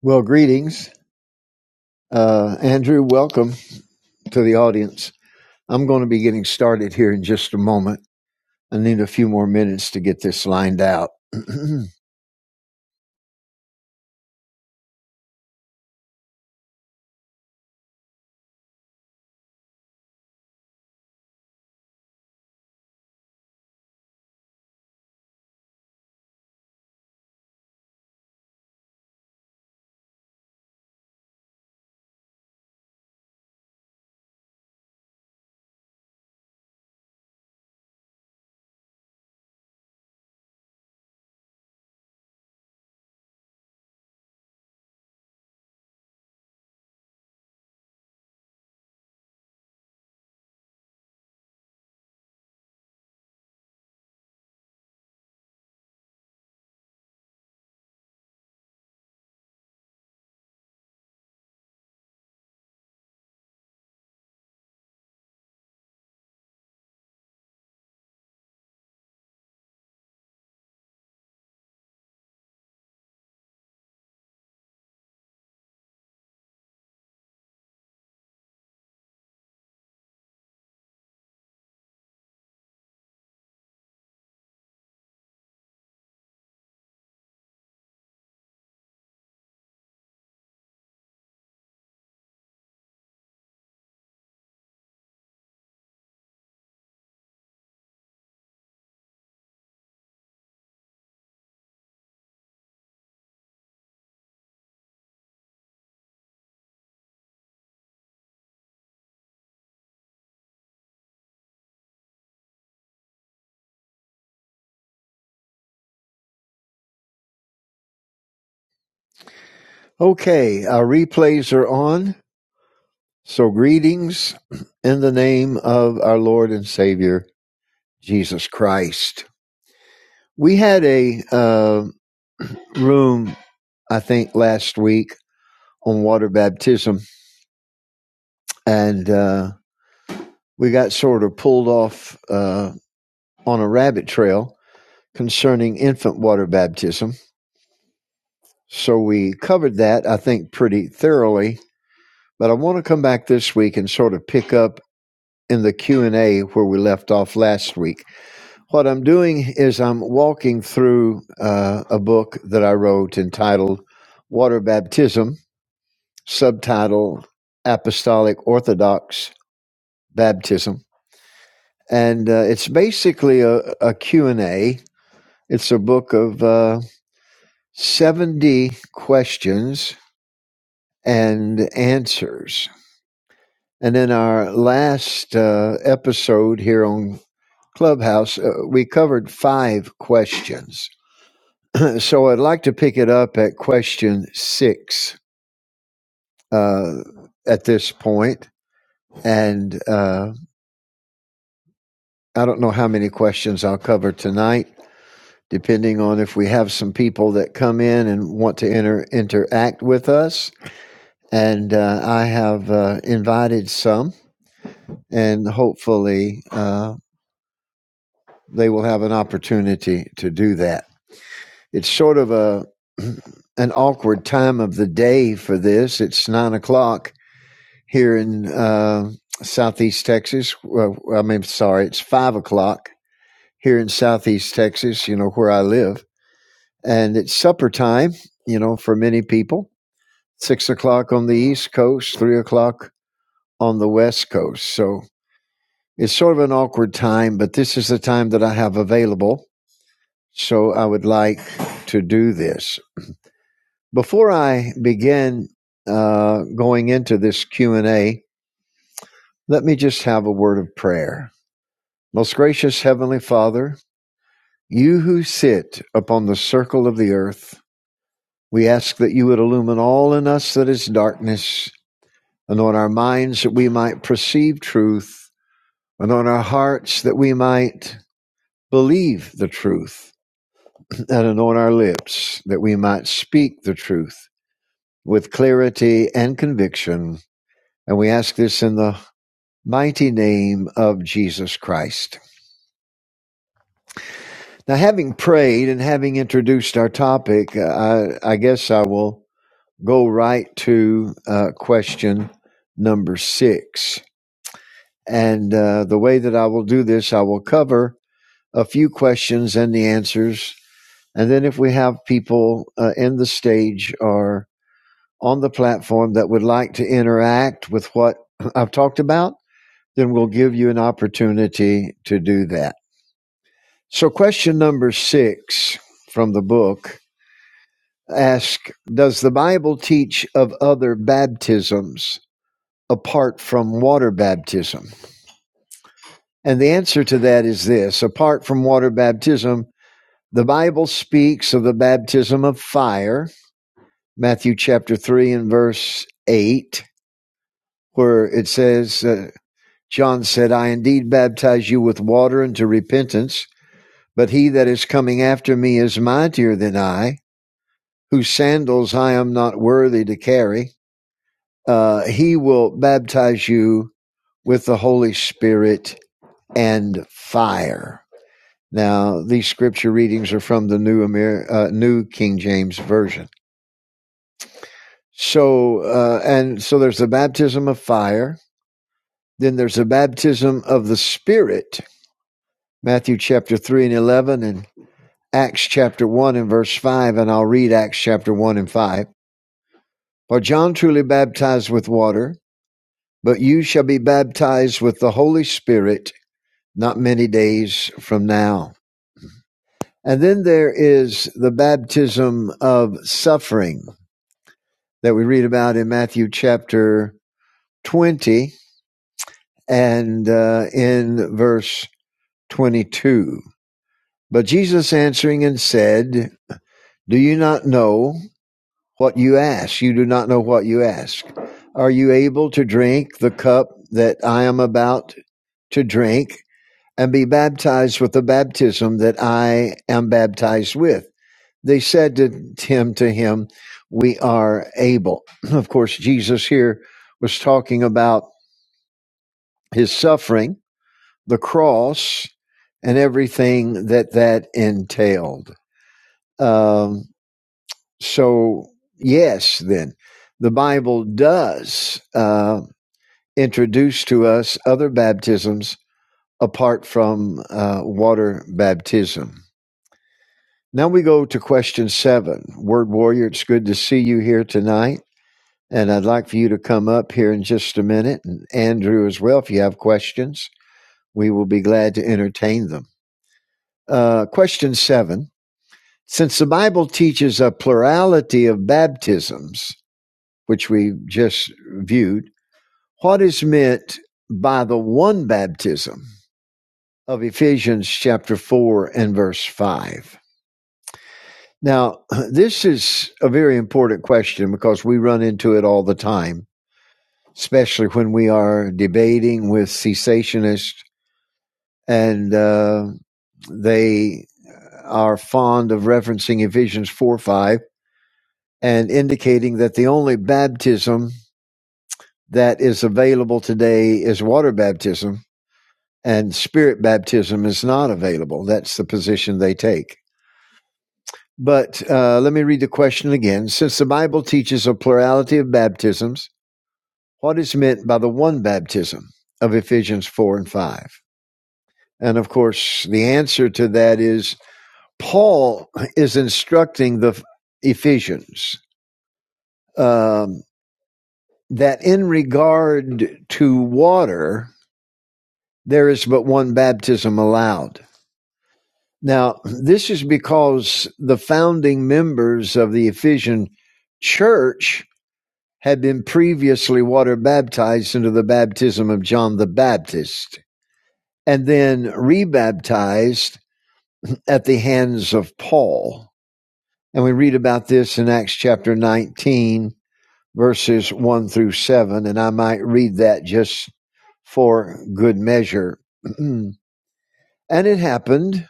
Well, greetings. Uh, Andrew, welcome to the audience. I'm going to be getting started here in just a moment. I need a few more minutes to get this lined out. okay, our replays are on. So, greetings in the name of our Lord and Savior, Jesus Christ. We had a uh, room, I think, last week on water baptism, and uh, we got sort of pulled off uh, on a rabbit trail concerning infant water baptism. So we covered that, I think, pretty thoroughly. But I want to come back this week and sort of pick up in the Q&A where we left off last week. What I'm doing is I'm walking through uh, a book that I wrote entitled Water Baptism, subtitle Apostolic Orthodox Baptism. And uh, it's basically a, a Q and a It's a book of uh, 70 questions and answers. And in our last uh, episode here on Clubhouse, uh, we covered five questions. So I'd like to pick it up at question six uh, at this point. And uh, I don't know how many questions I'll cover tonight. Depending on if we have some people that come in and want to enter, interact with us. And uh, I have uh, invited some, and hopefully, uh, they will have an opportunity to do that. It's sort of a an awkward time of the day for this. It's nine o'clock here in uh, Southeast Texas. Well, I mean, sorry, it's five o'clock here in Southeast Texas. You know where I live, and it's supper time. You know, for many people, six o'clock on the East Coast, three o'clock on the West Coast. So it's sort of an awkward time, but this is the time that I have available So I would like to do this. Before I begin uh, going into this Q&A, let me just have a word of prayer. Most gracious Heavenly Father, you who sit upon the circle of the earth, we ask that you would illumine all in us that is darkness, anoint our minds that we might perceive truth, anoint our hearts that we might believe the truth, and anoint our lips that we might speak the truth. with clarity and conviction. And we ask this in the mighty name of Jesus Christ. Now, having prayed and having introduced our topic, uh, I, I guess I will go right to uh, question number six. And uh, the way that I will do this, I will cover a few questions and the answers. And then, if we have people uh, in the stage or on the platform that would like to interact with what I've talked about, then we'll give you an opportunity to do that. So, question number six from the book asks: Does the Bible teach of other baptisms apart from water baptism? And the answer to that is this apart from water baptism, the Bible speaks of the baptism of fire, Matthew chapter 3 and verse 8, where it says, uh, John said, I indeed baptize you with water unto repentance But he that is coming after me is mightier than I, whose sandals I am not worthy to carry. Uh, he will baptize you with the Holy Spirit and fire. Now, these scripture readings are from the New, Amer- uh, New King James Version. So, uh, and so there's the baptism of fire. Then there's the baptism of the Spirit, Matthew chapter 3 and 11, and Acts chapter 1 and verse 5, and I'll read Acts chapter 1 and 5. For John truly baptized with water, but you shall be baptized with the Holy Spirit not many days from now. And then there is the baptism of suffering that we read about in Matthew chapter 20 and uh, in verse 22. But Jesus answering and said, Do you not know what you ask? You do not know what you ask. Are you able to drink the cup that I am about to drink and be baptized with the baptism that I am baptized with. They said to him, to him, we are able. Of course, Jesus here was talking about his suffering, the cross, and everything that that entailed. Um, so, yes, then the Bible does uh, introduce to us other baptisms apart from uh, water baptism. Now we go to question seven. Word Warrior, it's good to see you here tonight. And I'd like for you to come up here in just a minute. And Andrew as well, if you have questions, we will be glad to entertain them. Uh, question seven. Since the Bible teaches a plurality of baptisms, which we just viewed, what is meant by the one baptism of Ephesians chapter 4 and verse 5? Now, this is a very important question because we run into it all the time, especially when we are debating with cessationists and uh, they are fond of referencing Ephesians 4 5 and indicating that the only baptism that is available today is water baptism and spirit baptism is not available. That's the position they take. But uh, let me read the question again. Since the Bible teaches a plurality of baptisms, what is meant by the one baptism of Ephesians 4 and 5. And of course, the answer to that is Paul is instructing the Ephesians um, that in regard to water, there is but one baptism allowed. Now, this is because the founding members of the Ephesian church had been previously water baptized into the baptism of John the Baptist and then rebaptized at the hands of Paul. And we read about this in Acts chapter 19, verses 1 through 7. And I might read that just for good measure. and it happened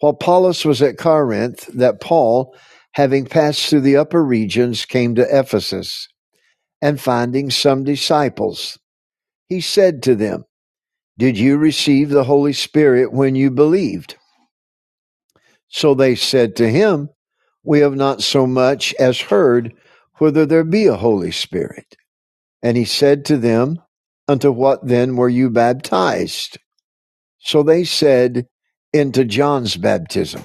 while Paulus was at Corinth that Paul, having passed through the upper regions, came to Ephesus. And finding some disciples, he said to them, Did you receive the Holy Spirit when you believed? So they said to him, We have not so much as heard whether there be a Holy Spirit. And he said to them, Unto what then were you baptized? So they said, Into John's baptism.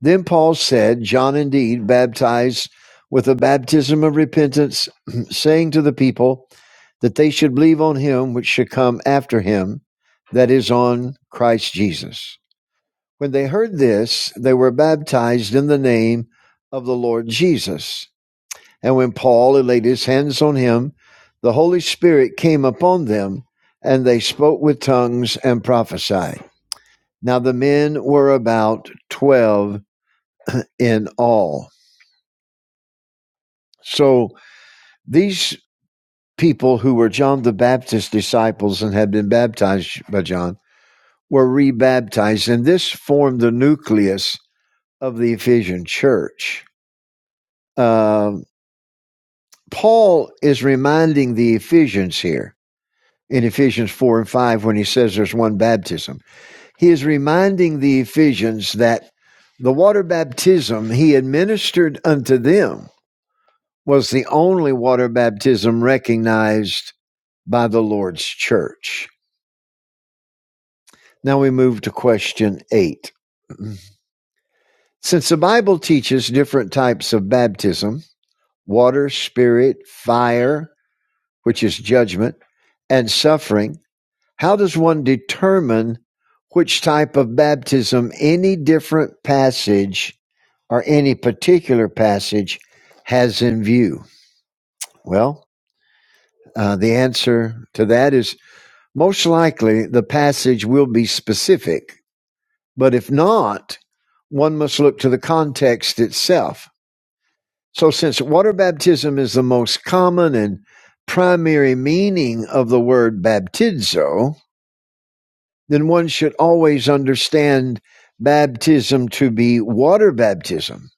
Then Paul said, John indeed baptized with a baptism of repentance, saying to the people that they should believe on him which should come after him, that is, on Christ Jesus. When they heard this, they were baptized in the name of the Lord Jesus. And when Paul had laid his hands on him, the Holy Spirit came upon them, and they spoke with tongues and prophesied. Now the men were about 12 in all. So these people who were John the Baptist's disciples and had been baptized by John were rebaptized, and this formed the nucleus of the Ephesian church. Um Paul is reminding the Ephesians here in Ephesians 4 and 5 when he says there's one baptism. He is reminding the Ephesians that the water baptism he administered unto them was the only water baptism recognized by the Lord's church. Now we move to question 8. Since the Bible teaches different types of baptism, water, spirit, fire, which is judgment, and suffering, How does one determine which type of baptism any different passage or any particular passage has in view? Well, uh, the answer to that is most likely the passage will be specific, but if not, one must look to the context itself. So, since water baptism is the most common and primary meaning of the word baptizo, then one should always understand baptism to be water baptism,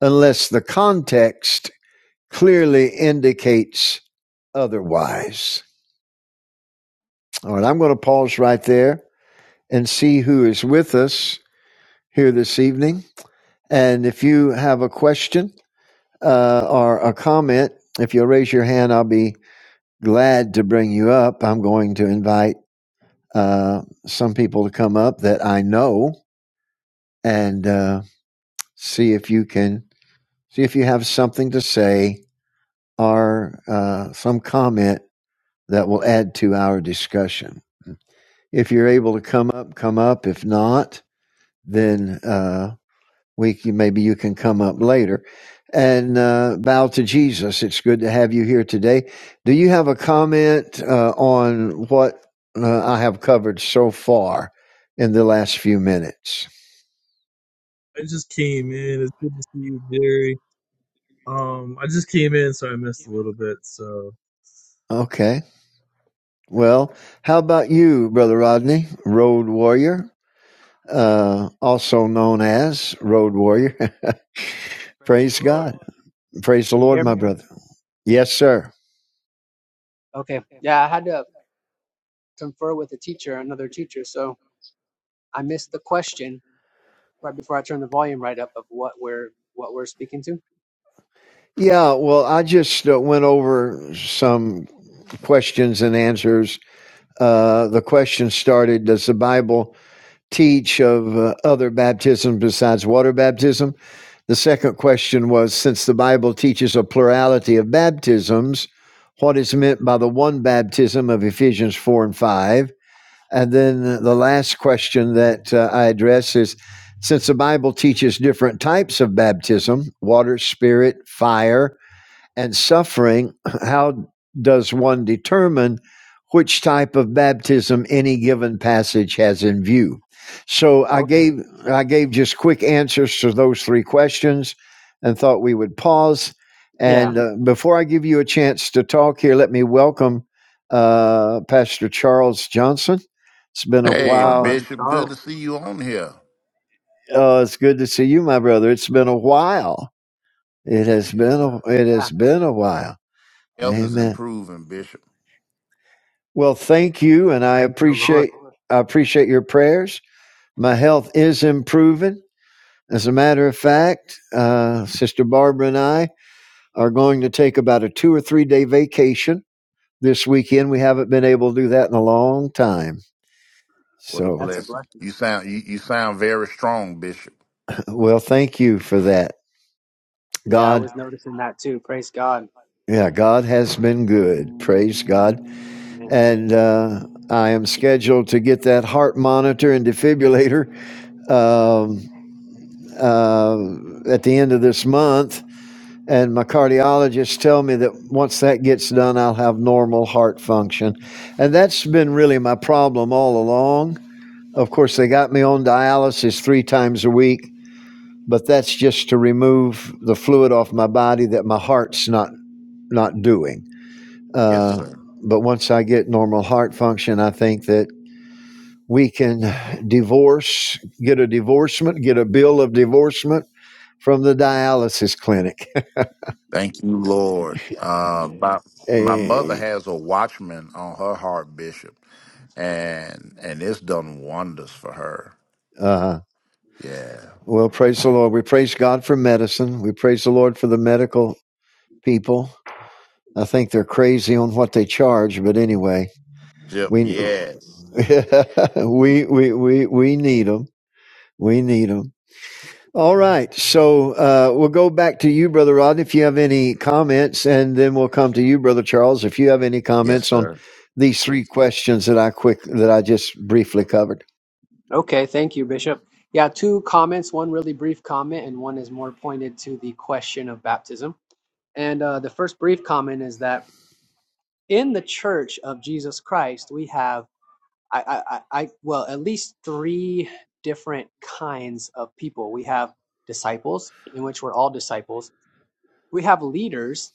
unless the context clearly indicates otherwise. All right, I'm going to pause right there and see who is with us here this evening. And if you have a question uh, or a comment, if you'll raise your hand, I'll be glad to bring you up. I'm going to invite uh, some people to come up that I know and uh, see if you can See if you have something to say or uh, some comment that will add to our discussion. If you're able to come up, come up. If not, then uh, we maybe you can come up later and uh, bow to Jesus. It's good to have you here today. Do you have a comment uh, on what uh, I have covered so far in the last few minutes? I just came in. It's good to see you, Jerry. Um, I just came in, so I missed a little bit. So Okay. Well, how about you, Brother Rodney, Road Warrior? uh, also known as Road Warrior. Praise the Praise Lord. God. Praise the Can you Lord, hear my me? brother. Yes, sir. Okay. Yeah, I had to confer with a teacher, another teacher, so I missed the question right before I turned the volume right up of what we're what we're speaking to. Yeah, well, I just uh, went over some questions and answers. Uh, the question started Does the Bible teach of uh, other baptism besides water baptism? The second question was Since the Bible teaches a plurality of baptisms, what is meant by the one baptism of Ephesians 4 and 5? And then the last question that uh, I address is since the Bible teaches different types of baptism water, spirit, fire, and suffering, how does one determine which type of baptism any given passage has in view? So I Okay. gave I gave just quick answers to those three questions, and thought we would pause. Yeah. And uh, before I give you a chance to talk here, let me welcome uh, Pastor Charles Johnson. It's been a Praise the Hey, Lord, while. brother Bishop, good to Charles. see you on here. Uh, it's good to see you, my brother. It's been a while. It has been a, it Yeah. has been a while. Health is Amen. improving, Bishop. Well, thank you, and I Praise the Lord. appreciate I appreciate your prayers. My health is improving. As a matter of fact, uh, Sister Barbara and I are going to take about a two or three day vacation this weekend. We haven't been able to do that in a long time. What a So, That's a blessing. blessing. You sound you, you sound very strong, Bishop. well, thank you for that. Yeah, I God, was noticing that too. Praise God. yeah, God has been good. Praise God. Amen. And uh, I am scheduled to get that heart monitor and defibrillator. Um, uh, at the end of this month, and my cardiologists tell me that once that gets done, I'll have normal heart function, and that's been really my problem all along. Of course, they got me on dialysis three times a week, but that's just to remove the fluid off my body that my heart's not not doing. Yes, Uh, sir. but once I get normal heart function, I think that we can divorce, get a divorcement, get a bill of divorcement from the dialysis clinic. Thank you, Lord. Uh, my my mother Hey, has a watchman on her heart, Bishop, and and it's done wonders for her. uh, Yeah. well, praise the Lord. We praise God for medicine. We praise the Lord for the medical people. I think they're crazy on what they charge, but anyway, Yep. we Yes. we we we we need them. We need them. All right, so uh, we'll go back to you, Brother Rod, if you have any comments, and then we'll come to you, Brother Charles, if you have any Yes, comments on sir. these three questions that I quick that I just briefly covered. Okay, thank you, Bishop. Yeah, two comments, one really brief comment and one is more pointed to the question of baptism. And uh, the first brief comment is that in the church of Jesus Christ, we have I, I, I, well, at least three different kinds of people. We have disciples, in which we're all disciples. We have leaders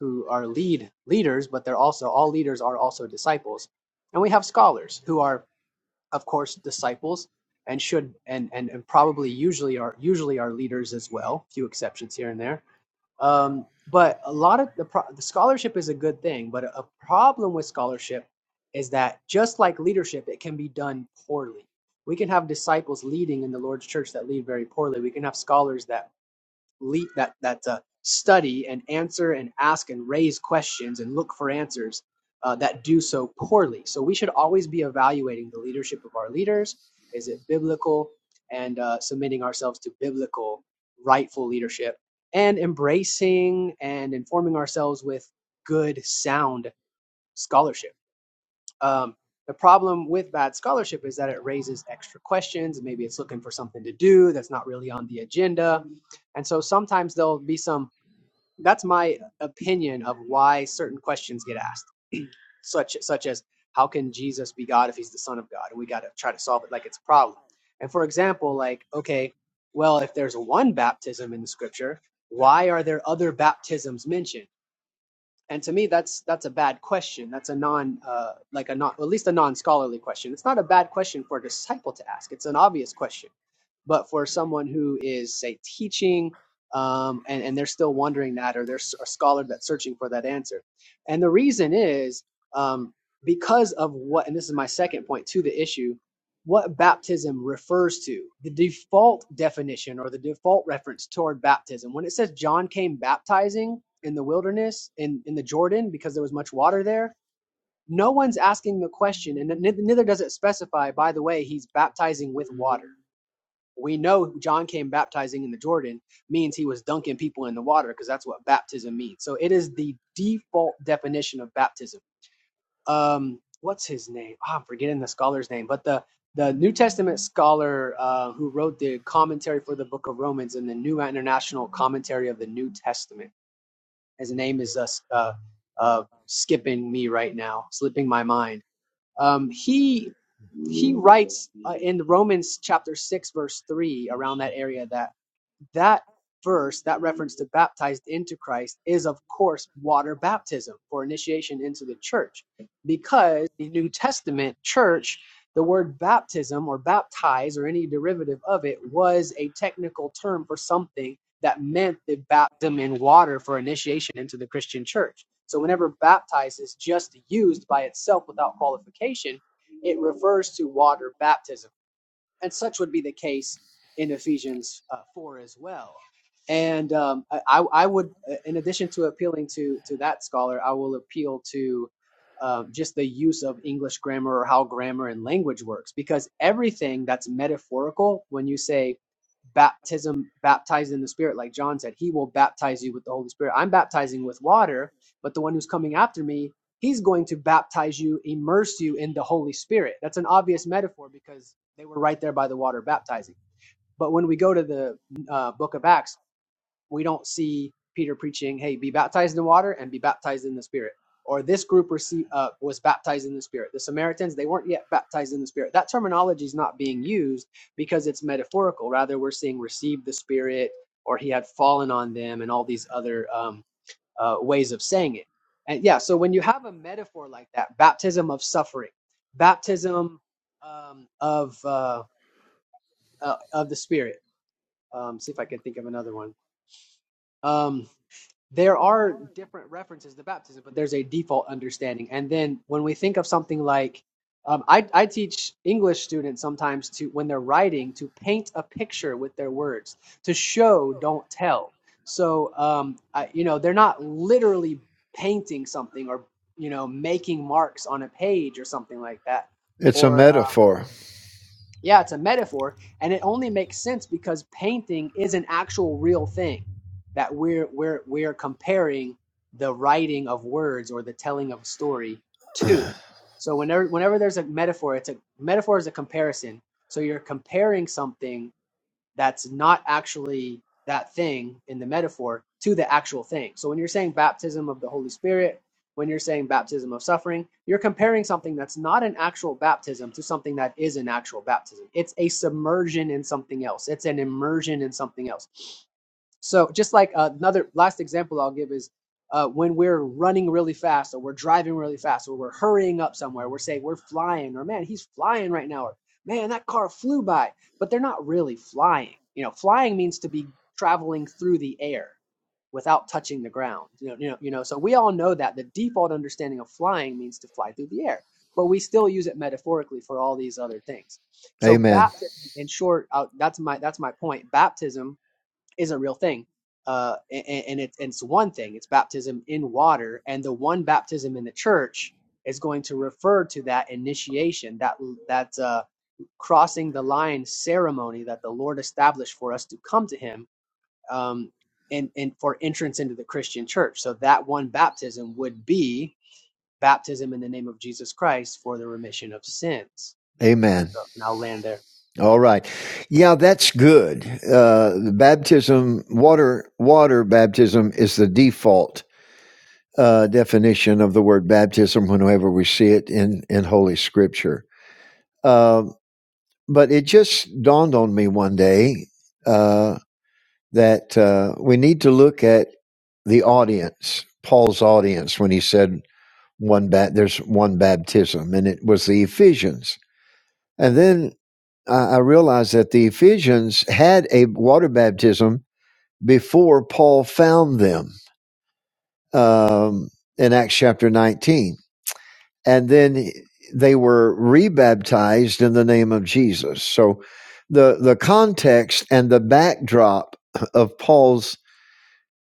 who are lead leaders, but they're also all leaders are also disciples. And we have scholars who are, of course, disciples and should and and, and probably usually are usually are leaders as well. Few exceptions here and there um, but a lot of the, pro- the scholarship is a good thing, but a a problem with scholarship is that just like leadership, it can be done poorly. We can have disciples leading in the Lord's church that lead very poorly. We can have scholars that lead that that uh, study and answer and ask and raise questions and look for answers uh, that do so poorly. So we should always be evaluating the leadership of our leaders. Is it biblical? And uh, submitting ourselves to biblical, rightful leadership, and embracing and informing ourselves with good, sound scholarship um, the problem with bad scholarship is that it raises extra questions. Maybe it's looking for something to do that's not really on the agenda. And so sometimes there'll be some, that's my opinion of why certain questions get asked, such, such as, how can Jesus be God if he's the son of God? And we got to try to solve it like it's a problem. And for example, like, okay, well, if there's one baptism in the scripture, why are there other baptisms mentioned? And to me, that's that's a bad question. That's a non, uh, like a non, at least a non-scholarly question. It's not a bad question for a disciple to ask. It's an obvious question, but for someone who is, say, teaching, um, and and they're still wondering that, or there's a scholar that's searching for that answer, and the reason is um, because of what, and this is my second point to the issue, what baptism refers to, the default definition or the default reference toward baptism. When it says John came baptizing in the wilderness in, in the Jordan because there was much water there. No one's asking the question, and neither does it specify, by the way, he's baptizing with water. We know John came baptizing in the Jordan means he was dunking people in the water because that's what baptism means. So it is the default definition of baptism. Um, what's his name? Ah, I'm forgetting the scholar's name, but the the New Testament scholar uh, who wrote the commentary for the Book of Romans and the New International Commentary of the New Testament his name is uh, uh, uh, skipping me right now, slipping my mind. Um, he he writes uh, in Romans chapter six, verse three, around that area that that verse, that reference to baptized into Christ, is of course water baptism for initiation into the church. Because the New Testament church, the word baptism or baptize or any derivative of it was a technical term for something that meant the baptism in water for initiation into the Christian church. So whenever baptize is just used by itself without qualification, it refers to water baptism and such would be the case in Ephesians uh, 4 as well. And um, I, I would, uh, in addition to appealing to to that scholar, I will appeal to uh, just the use of English grammar or how grammar and language works, because everything that's metaphorical, when you say baptism, baptized in the Spirit, like John said, He will baptize you with the Holy Spirit. I'm baptizing with water, but the one who's coming after me he's going to baptize you, immerse you in the Holy Spirit. That's an obvious metaphor because they were right there by the water baptizing. But when we go to the uh, book of Acts, we don't see Peter preaching, hey, be baptized in water and be baptized in the Spirit. Or this group received, uh, was baptized in the Spirit. The Samaritans, they weren't yet baptized in the Spirit. That terminology is not being used because it's metaphorical. Rather, we're seeing receive the Spirit or he had fallen on them and all these other um, uh, ways of saying it. And yeah, so when you have a metaphor like that, baptism of suffering, baptism um, of uh, uh, of the Spirit. Um, see if I can think of another one. Um, there are different references to baptism, but there's a default understanding. And then when we think of something like, um, I, I teach English students sometimes to, when they're writing, to paint a picture with their words, to show, don't tell. So, um, I, you know, they're not literally painting something or, you know, making marks on a page or something like that. It's a Or metaphor. yeah, it's a metaphor, and it only makes sense because painting is an actual real thing that we're we're we're comparing the writing of words or the telling of a story to. So whenever whenever there's a metaphor, it's a metaphor is a comparison. So you're comparing something that's not actually that thing in the metaphor to the actual thing. So when you're saying baptism of the Holy Spirit, when you're saying baptism of suffering, you're comparing something that's not an actual baptism to something that is an actual baptism. It's a submersion in something else, it's an immersion in something else. So just like uh, another last example I'll give is uh, when we're running really fast or we're driving really fast or we're hurrying up somewhere, we're saying we're flying or man, he's flying right now or man, that car flew by, but they're not really flying. You know, flying means to be traveling through the air without touching the ground. You know, you know, you know, so we all know that the default understanding of flying means to fly through the air, but we still use it metaphorically for all these other things. So Amen. baptism in short, uh, that's my that's my point. Baptism is a real thing. Uh, a- and, it's and it's one thing. It's baptism in water, and the one baptism in the church is going to refer to that initiation, that that uh, crossing the line ceremony that the Lord established for us to come to Him, um, and and for entrance into the Christian church. So that one baptism would be baptism in the name of Jesus Christ for the remission of sins. And Amen. so, and I'll land there. All right. Yeah, that's good. Uh, the baptism, water, water baptism is the default uh, definition of the word baptism whenever we see it in, in Holy Scripture. Uh, but it just dawned on me one day uh, that uh, we need to look at the audience, Paul's audience, when he said one bat, there's one baptism, and it was the Ephesians. And then I, I realized that the Ephesians had a water baptism before Paul found them um, in Acts chapter 19. And then they were rebaptized in the name of Jesus. So the, the context and the backdrop of Paul's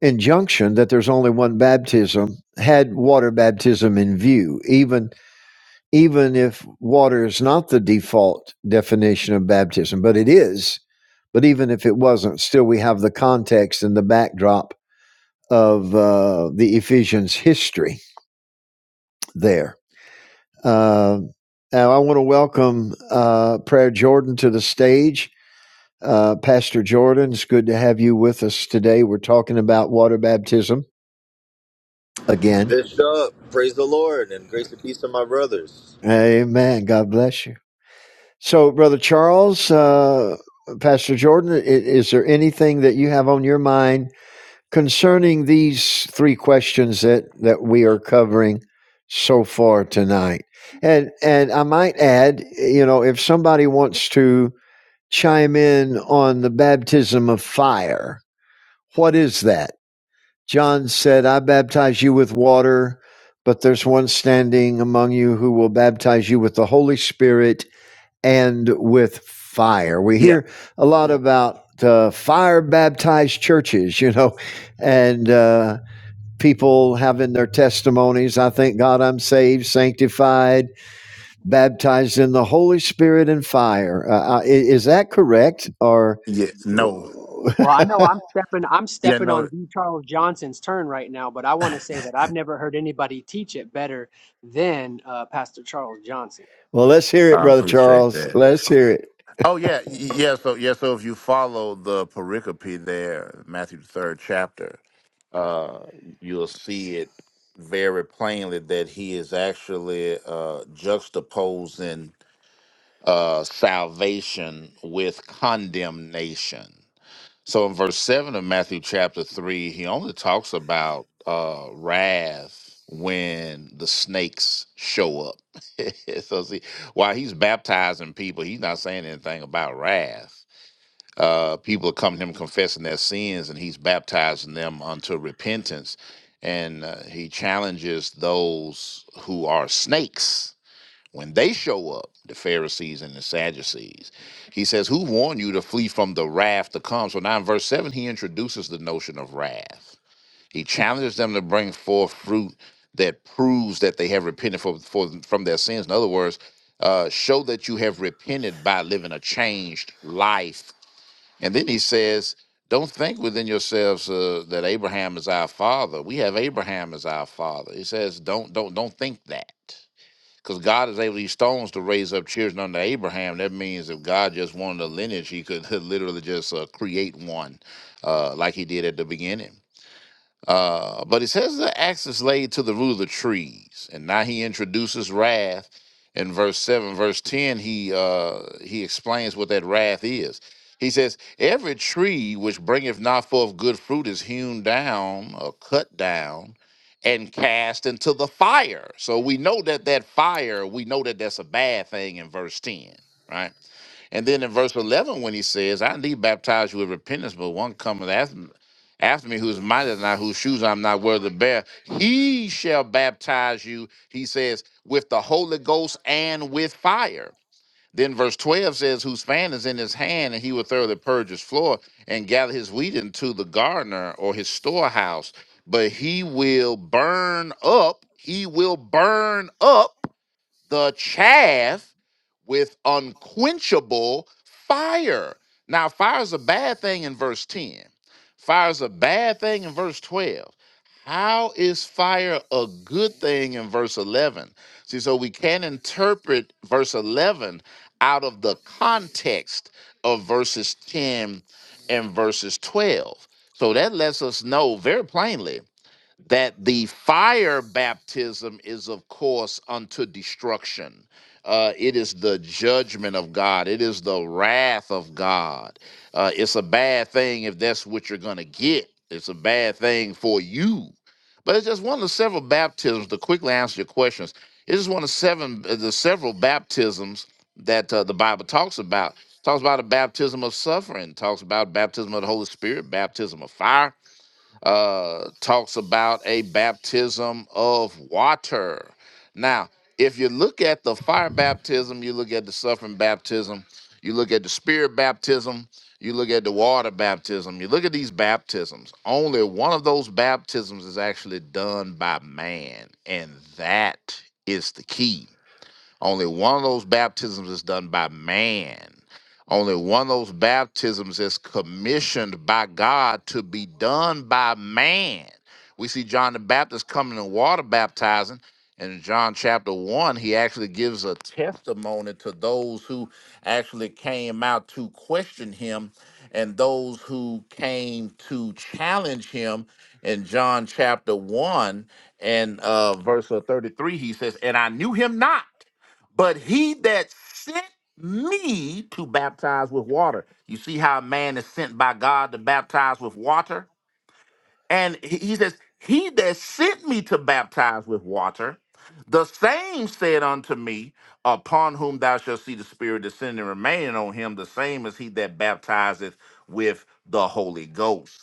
injunction that there's only one baptism had water baptism in view, even even if water is not the default definition of baptism, but it is. But even if it wasn't, still we have the context and the backdrop of uh, the Ephesians history there. Uh, now I want to welcome uh, Prayer Jordan to the stage. Uh, Pastor Jordan, it's good to have you with us today. We're talking about water baptism again. Bishop, Praise the Lord and grace and peace to my brothers. Amen. God bless you. So, Brother Charles, uh, Pastor Jordan, is there anything that you have on your mind concerning these three questions that, that we are covering so far tonight? And and I might add, you know, if somebody wants to chime in on the baptism of fire, what is that? John said, "I baptize you with water, but there's one standing among you who will baptize you with the Holy Spirit." and with fire. We Yeah. hear a lot about uh, fire baptized churches, you know, and uh, people having their testimonies. I thank God I'm saved, sanctified, baptized in the Holy Spirit and fire. Uh, is that correct? Or, Yeah. No. Well, I know well, I'm stepping I'm Yeah. stepping on No. the Charles Johnson's turn right now, but I I want to say that I've never heard anybody teach it better than uh, Pastor Charles Johnson. let's hear it, Brother appreciate Charles. that. Let's hear it. Oh yeah, y- yeah. So yeah, so if you follow the pericope there, Matthew the third chapter, uh, you'll see it very plainly that he is actually uh, juxtaposing uh, salvation with condemnation. So in verse seven of Matthew chapter three, he only talks about uh wrath when the snakes show up. so see, while he's baptizing people, he's not saying anything about wrath. Uh people are coming to him confessing their sins and he's baptizing them unto repentance. And uh, he challenges those who are snakes when they show up, the Pharisees and the Sadducees, he says, Who warned you to flee from the wrath to come? So now in verse 7, he introduces the notion of wrath. He challenges them to bring forth fruit that proves that they have repented for, for, from their sins. In other words, uh, show that you have repented by living a changed life. And then he says, Don't think within yourselves uh, that Abraham is our father. We have Abraham as our father. He says, Don't don't don't think that because God is able these stones to raise up children unto Abraham. That means if God just wanted a lineage, He could literally just uh, create one, uh, like He did at the beginning. Uh, but it says the axe is laid to the root of the trees, and now he introduces wrath in verse seven, verse ten. He uh, he explains what that wrath is. He says, "Every tree which bringeth not forth good fruit is hewn down or cut down." And cast into the fire. So we know that that fire, we know that that's a bad thing in verse 10, right? And then in verse 11, when he says, I need baptize you with repentance, but one cometh after, after me who's mightier than I, whose shoes I'm not worthy to bear. He shall baptize you, he says, with the Holy Ghost and with fire. Then verse 12 says, Whose fan is in his hand, and he will thoroughly purge his floor and gather his wheat into the gardener or his storehouse. But he will burn up, he will burn up the chaff with unquenchable fire. Now, fire is a bad thing in verse 10. Fire is a bad thing in verse 12. How is fire a good thing in verse 11? See, so we can not interpret verse 11 out of the context of verses 10 and verses 12. So that lets us know very plainly that the fire baptism is, of course, unto destruction. Uh, it is the judgment of God. It is the wrath of God. Uh, it's a bad thing if that's what you're going to get. It's a bad thing for you. But it's just one of the several baptisms. To quickly answer your questions, it's just one of seven, uh, the several baptisms that uh, the Bible talks about. Talks about a baptism of suffering. Talks about baptism of the Holy Spirit, baptism of fire uh, talks about a baptism of water. Now, if you look at the fire baptism, you look at the suffering baptism, you look at the spirit baptism, you look at the water baptism, you look at these baptisms. Only one of those baptisms is actually done by man, and that is the key only one of those baptisms is done by man. Only one of those baptisms is commissioned by God to be done by man. We see John the Baptist coming in water baptizing. And in John chapter 1, he actually gives a testimony to those who actually came out to question him and those who came to challenge him. In John chapter 1 and uh, verse uh, 33, he says, And I knew him not. But he that sent me to baptize with water. You see how a man is sent by God to baptize with water? And he he says, He that sent me to baptize with water, the same said unto me, Upon whom thou shalt see the Spirit descending and remaining on him, the same as he that baptizeth with the Holy Ghost.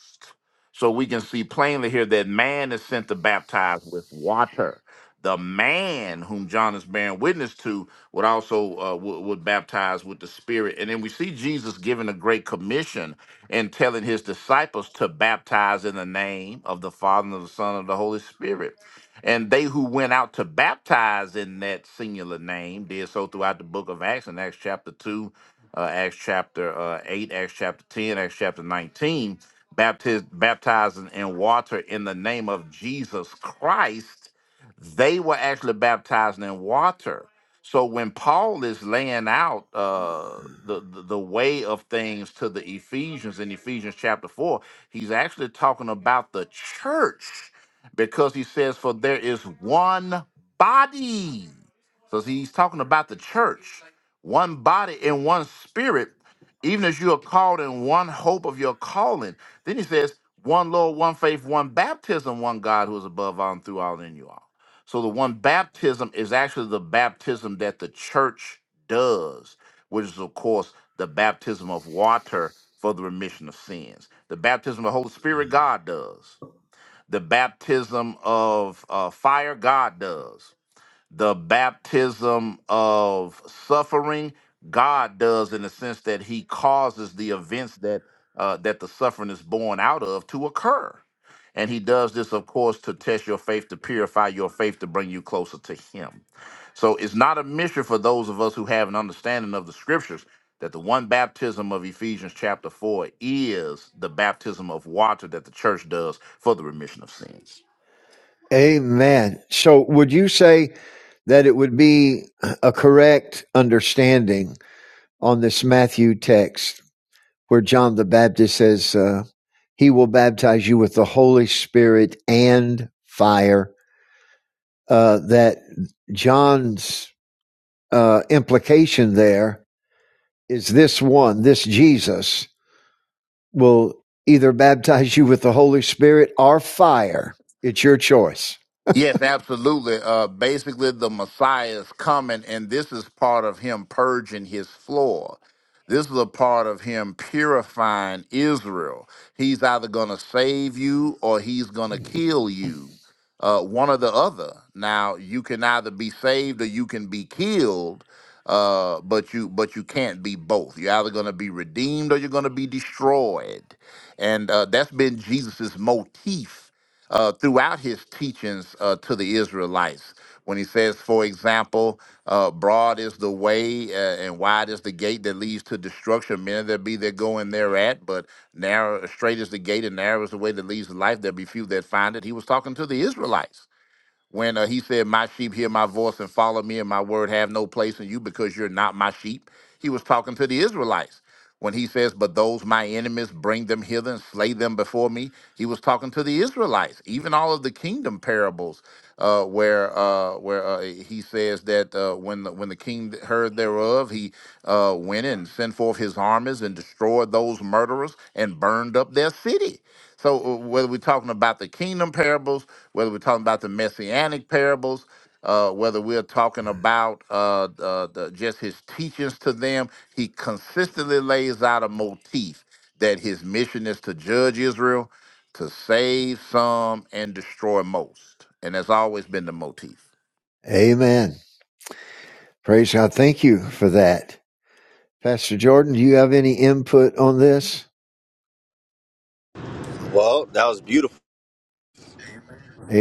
So we can see plainly here that man is sent to baptize with water. The man whom John is bearing witness to would also uh, would, would baptize with the Spirit, and then we see Jesus giving a great commission and telling his disciples to baptize in the name of the Father and of the Son and of the Holy Spirit. And they who went out to baptize in that singular name did so throughout the book of Acts in Acts chapter 2, uh, Acts chapter uh, 8, Acts chapter 10, Acts chapter 19, baptiz- baptizing in water in the name of Jesus Christ. They were actually baptizing in water so when Paul is laying out uh, the, the the way of things to the Ephesians in Ephesians chapter four, he's actually talking about the church because he says, "For there is one body." So he's talking about the church, one body and one spirit, even as you are called in one hope of your calling. Then he says, "One Lord, one faith, one baptism, one God who is above all and through all and in you all." So the one baptism is actually the baptism that the church does, which is of course the baptism of water for the remission of sins. The baptism of the Holy Spirit, God does. The baptism of uh, fire, God does the baptism of suffering god does in the sense that he causes the events that uh, that the suffering is born out of to occur and he does this of course to test your faith to purify your faith to bring you closer to him so it's not a mystery for those of us who have an understanding of the scriptures that the one baptism of ephesians chapter 4 is the baptism of water that the church does for the remission of sins Amen. So, would you say that it would be a correct understanding on this Matthew text? where John the Baptist says, uh, He will baptize you with the Holy Spirit and fire. Uh, that John's uh, implication there is this one, this Jesus, will either baptize you with the Holy Spirit or fire. It's your choice. Yes, absolutely. Uh, basically, the Messiah is coming, and this is part of him purging his floor. This is a part of him purifying Israel. He's either going to save you or he's going to kill you, uh, one or the other. Now, you can either be saved or you can be killed, uh, but you but you can't be both. You're either going to be redeemed or you're going to be destroyed, and uh, that's been Jesus's motif uh, throughout his teachings uh, to the Israelites. When he says, for example, uh, broad is the way uh, and wide is the gate that leads to destruction. Many there be that go in thereat, but narrow, straight is the gate and narrow is the way that leads to life. There be few that find it. He was talking to the Israelites when uh, he said, My sheep hear my voice and follow me, and my word have no place in you because you're not my sheep. He was talking to the Israelites. When he says, But those my enemies bring them hither and slay them before me, he was talking to the Israelites. Even all of the kingdom parables, uh, where uh, where uh, he says that uh, when the, when the king heard thereof, he uh, went and sent forth his armies and destroyed those murderers and burned up their city. So uh, whether we're talking about the kingdom parables, whether we're talking about the messianic parables, uh, whether we're talking about uh, uh, the, just his teachings to them, he consistently lays out a motif that his mission is to judge Israel, to save some and destroy most, and that's always been the motif. Amen. Praise God. Thank you for that. Pastor Jordan, do you have any input on this? Well, that was beautiful.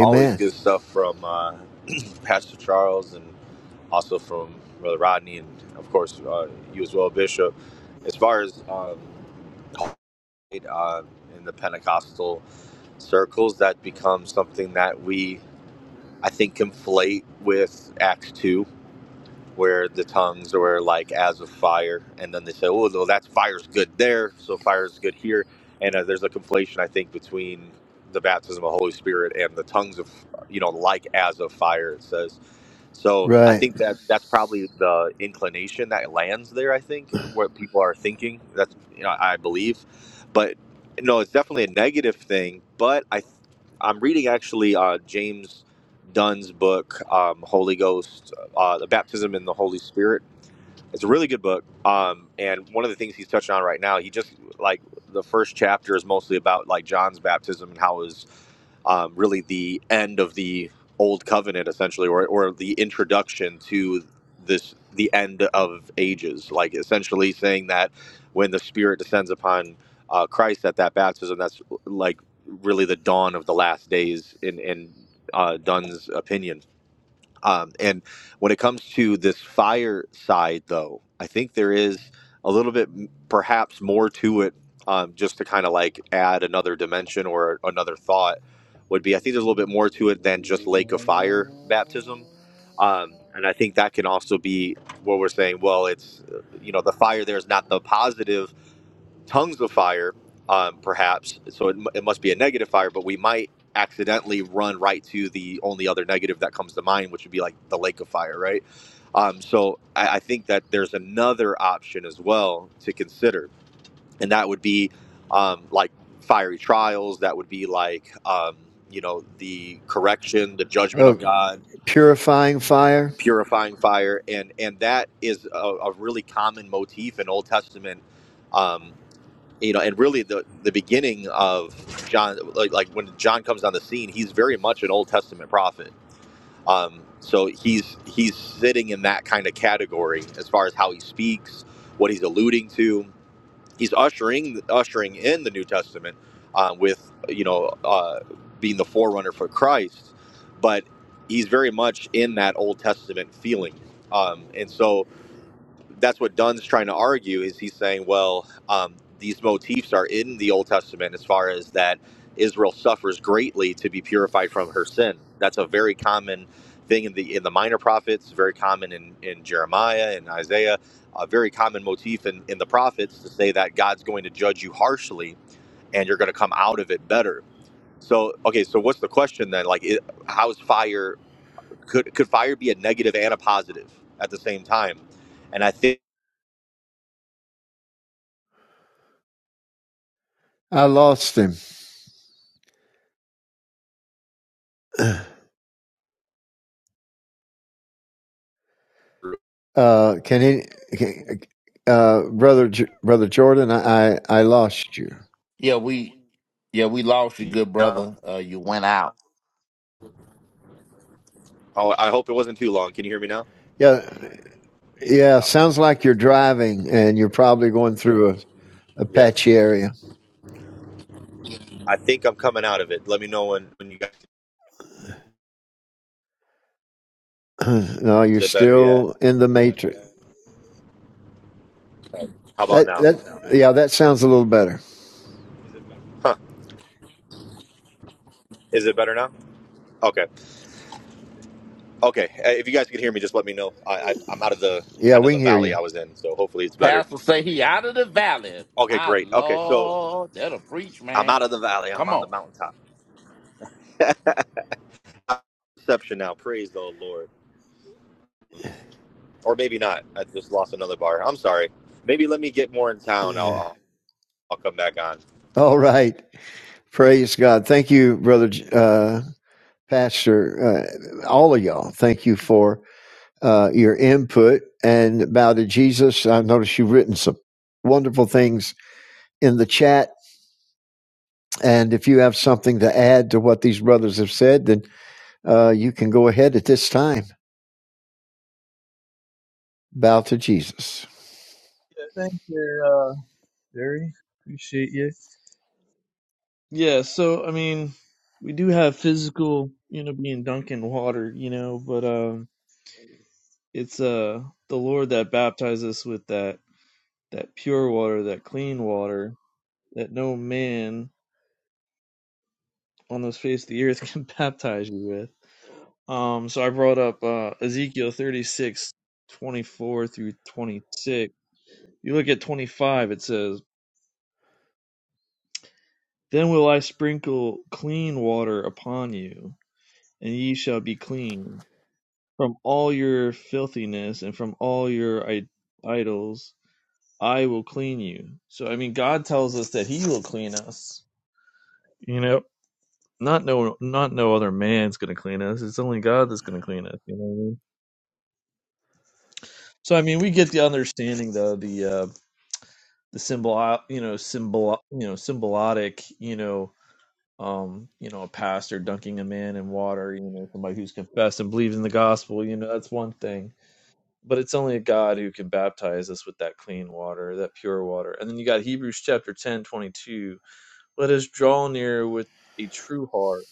Always good stuff from uh, Pastor Charles and also from Brother Rodney and, of course, uh, you as well, Bishop. As far as um, it, uh, in the Pentecostal circles, that becomes something that we, I think, conflate with Acts 2 where the tongues were like as of fire, and then they say, "Oh, well, that's fire's good there, so fire's good here." And uh, there's a conflation, I think, between the baptism of the Holy Spirit and the tongues of, you know, like as of fire. It says. So I Right. think that that's probably the inclination that lands there. I think what people are thinking. That's you know I believe, but no, it's definitely a negative thing. But I, I'm reading actually uh, James Dunn's book, um, Holy Ghost uh, the baptism in the Holy Spirit. It's a really good book. Um, and one of the things he's touching on right now, he just like the first chapter is mostly about like John's baptism and how it was um, really the end of the old covenant essentially, or, or the introduction to this, the end of ages, like essentially saying that when the spirit descends upon uh, Christ at that baptism, that's like really the dawn of the last days in, in uh, Dunn's opinion um, and when it comes to this fire side, though, I think there is a little bit m- perhaps more to it um, just to kind of like add another dimension or another thought would be I think there's a little bit more to it than just lake of fire baptism. Um, and I think that can also be where we're saying. Well, it's, uh, you know, the fire there is not the positive tongues of fire, um, perhaps. So it, mu- it must be a negative fire, but we might accidentally run right to the only other negative that comes to mind, which would be like the lake of fire, right? Um, so I, I think that there's another option as well to consider, and that would be um, like fiery trials. That would be like um, you know the correction, the judgment Oh, of God, purifying fire. purifying fire, and and that is a, a really common motif in Old Testament. Um, you know, and really the the beginning of John, like, like when John comes on the scene, he's very much an Old Testament prophet. Um, so he's he's sitting in that kind of category as far as how he speaks, what he's alluding to. He's ushering ushering in the New Testament uh, with you know uh, being the forerunner for Christ, but he's very much in that Old Testament feeling. Um, and so that's what Dunn's trying to argue is he's saying, well, um, these motifs are in the Old Testament as far as that Israel suffers greatly to be purified from her sin. That's a very common thing in the in the minor prophets, very common in, in Jeremiah and Isaiah, a very common motif in, in the prophets to say that God's going to judge you harshly and you're going to come out of it better. So, okay, so what's the question then? Like, it, how's fire, could, could fire be a negative and a positive at the same time? And I think I lost him. Uh, can any, can- uh, brother, J- brother Jordan, I, I lost you. Yeah, we yeah we lost you, good No. brother. Uh, you went out. Oh, I hope it wasn't too long. Can you hear me now? Yeah, yeah. Oh, Sounds like you're driving, and you're probably going through a, a Yeah. patchy area. I think I'm coming out of it. Let me know when, when you guys. no, you're Is it better yet? still in the matrix. How about That now? that yeah, that sounds a little better. Huh. Is it better now? Okay. Okay. Uh, If you guys can hear me, just let me know. I, I, I'm out of the Yeah, kind of we can the hear valley you. I was in, so hopefully it's better. Pastor say he out of the valley. Okay, My great. Okay, so Lord, that'll preach, I'm man. out of the valley. I'm Come on the on. mountaintop. Reception now. Praise the Lord. Or maybe not. I just lost another bar. I'm sorry. Maybe let me get more in town. I'll, I'll, I'll come back on. All right, praise God. Thank you, brother, uh, pastor, uh, all of y'all. Thank you for uh, your input and about a Jesus. I noticed you've written some wonderful things in the chat. And if you have something to add to what these brothers have said, then uh, you can go ahead at this time. Bow to Jesus. yeah, thank you, uh, Jerry. Appreciate you. Yeah. So I mean, we do have physical, you know, being dunked in water, you know, but um, it's uh the Lord that baptizes us with that that pure water, that clean water, that no man on this face the earth can baptize you with. Um, so I brought up uh, Ezekiel 36 24 through 26. You look at 25, it says, Then will I sprinkle clean water upon you, and ye shall be clean. From all your filthiness and from all your I- idols, I will clean you. So, I mean, God tells us that He will clean us. You know, not no, not no other man's going to clean us. It's only God that's going to clean us. You know what I mean? So I mean, we get the understanding though the uh, the symbol, uh, you know, symbol, you know, symbolotic, you know, um, you know, a pastor dunking a man in water, you know, somebody who's confessed and believes in the gospel, you know, that's one thing. But it's only a God who can baptize us with that clean water, that pure water. And then you got Hebrews chapter 10 22 Let us draw near with a true heart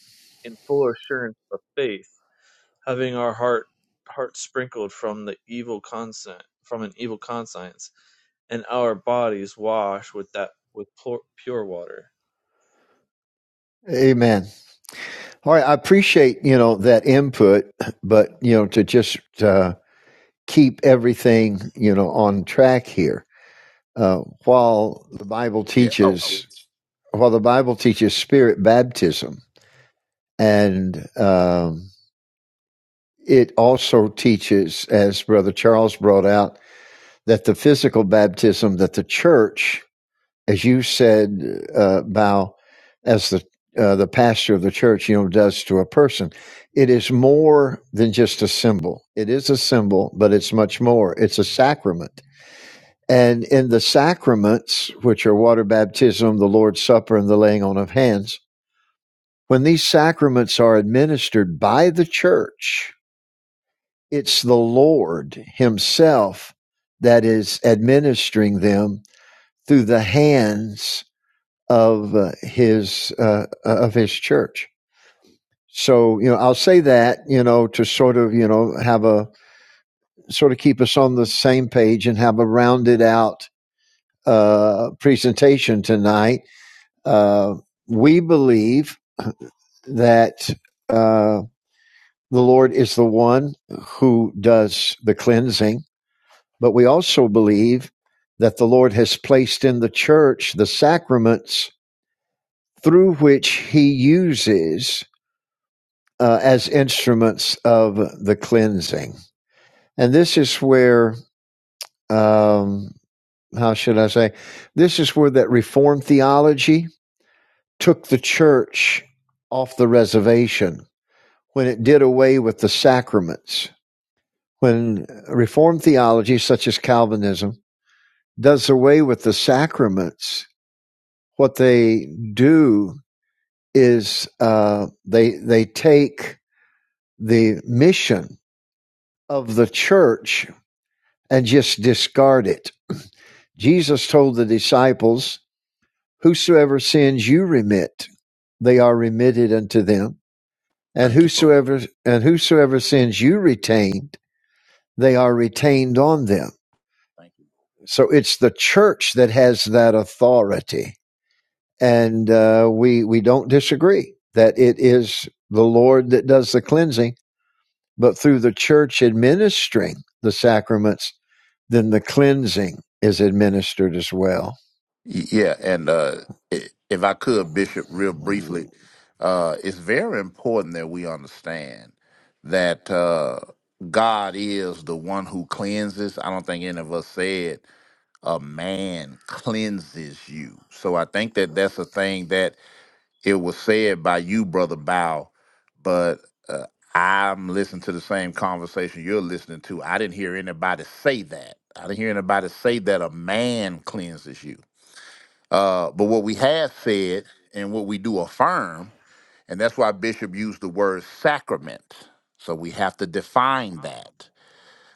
in full assurance of faith having our heart heart sprinkled from the evil conscience from an evil conscience, and our bodies washed with that with pure, pure water. Amen. All right. I appreciate, you know, that input, but, you know, to just uh, keep everything, you know, on track here. Uh, while the Bible Yeah. Oh, teaches, while the Bible teaches spirit baptism and, um, it also teaches, as Brother Charles brought out, that the physical baptism that the church, as you said, uh, Bao, as the uh, the pastor of the church, you know, does to a person, it is more than just a symbol. It is a symbol, but it's much more. It's a sacrament. And in the sacraments, which are water baptism, the Lord's Supper, and the laying on of hands, when these sacraments are administered by the church, It's the Lord Himself that is administering them through the hands of uh, His uh, of His church. So you know, I'll say that you know to sort of you know have a sort of keep us on the same page and have a rounded out uh, presentation tonight. Uh, we believe that uh, the Lord is the one who does the cleansing. But we also believe that the Lord has placed in the church the sacraments through which he uses uh, as instruments of the cleansing. And this is where, um, how should I say, this is where that Reformed theology took the church off the reservation when it did away with the sacraments. When Reformed theology, such as Calvinism, does away with the sacraments, what they do is uh, they they take the mission of the church and just discard it. Jesus told the disciples, "Whosoever sins you remit, they are remitted unto them, and thank you, bro. whosoever and whosoever sins you retained, they are retained on them." So it's the church that has that authority and uh, we we don't disagree that it is the Lord that does the cleansing, but through the church administering the sacraments, then the cleansing is administered as well. Y- Yeah, and uh, i- if I could, Bishop, real briefly, uh, it's very important that we understand that uh, God is the one who cleanses. I don't think any of us said a man cleanses you. So I think that that's a thing that It was said by you, Brother Bow, but uh, I'm listening to the same conversation you're listening to. I didn't hear anybody say that. I didn't hear anybody say that a man cleanses you. Uh, but what we have said and what we do affirm, and that's why Bishop used the word sacrament. So we have to define that.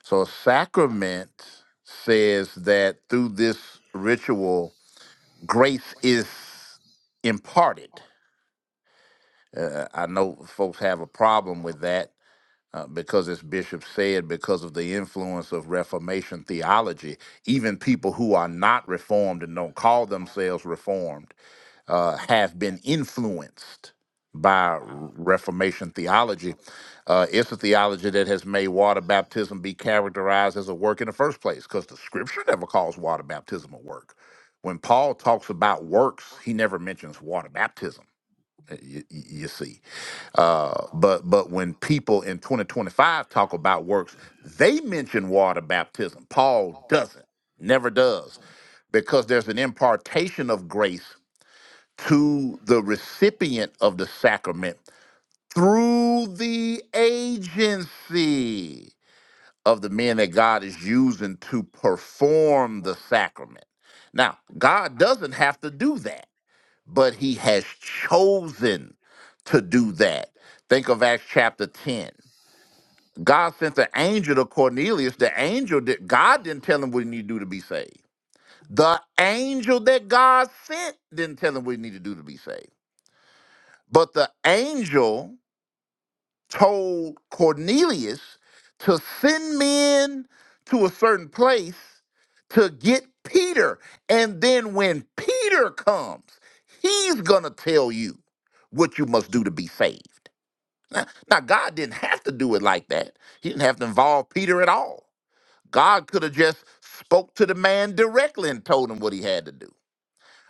So a sacrament says that through this ritual, grace is imparted. Uh, I know folks have a problem with that uh, because, as Bishop said, because of the influence of Reformation theology, even people who are not Reformed and don't call themselves Reformed uh, have been influenced by Reformation theology. Uh, it's a theology that has made water baptism be characterized as a work in the first place because the scripture never calls water baptism a work. When Paul talks about works, he never mentions water baptism, uh, y you see. Uh, but but when people in 2025 talk about works, they mention water baptism. Paul doesn't, never does, because there's an impartation of grace to the recipient of the sacrament through the agency of the men that God is using to perform the sacrament. Now, God doesn't have to do that but he has chosen to do that. Think of Acts chapter 10. God sent the angel to Cornelius. The angel did God didn't tell him what he needed to do to be saved. The angel that God sent didn't tell him what he needed to do to be saved. But the angel told Cornelius to send men to a certain place to get Peter. And then when Peter comes, he's going to tell you what you must do to be saved. Now, now, God didn't have to do it like that. He didn't have to involve Peter at all. God could have just spoke to the man directly and told him what he had to do.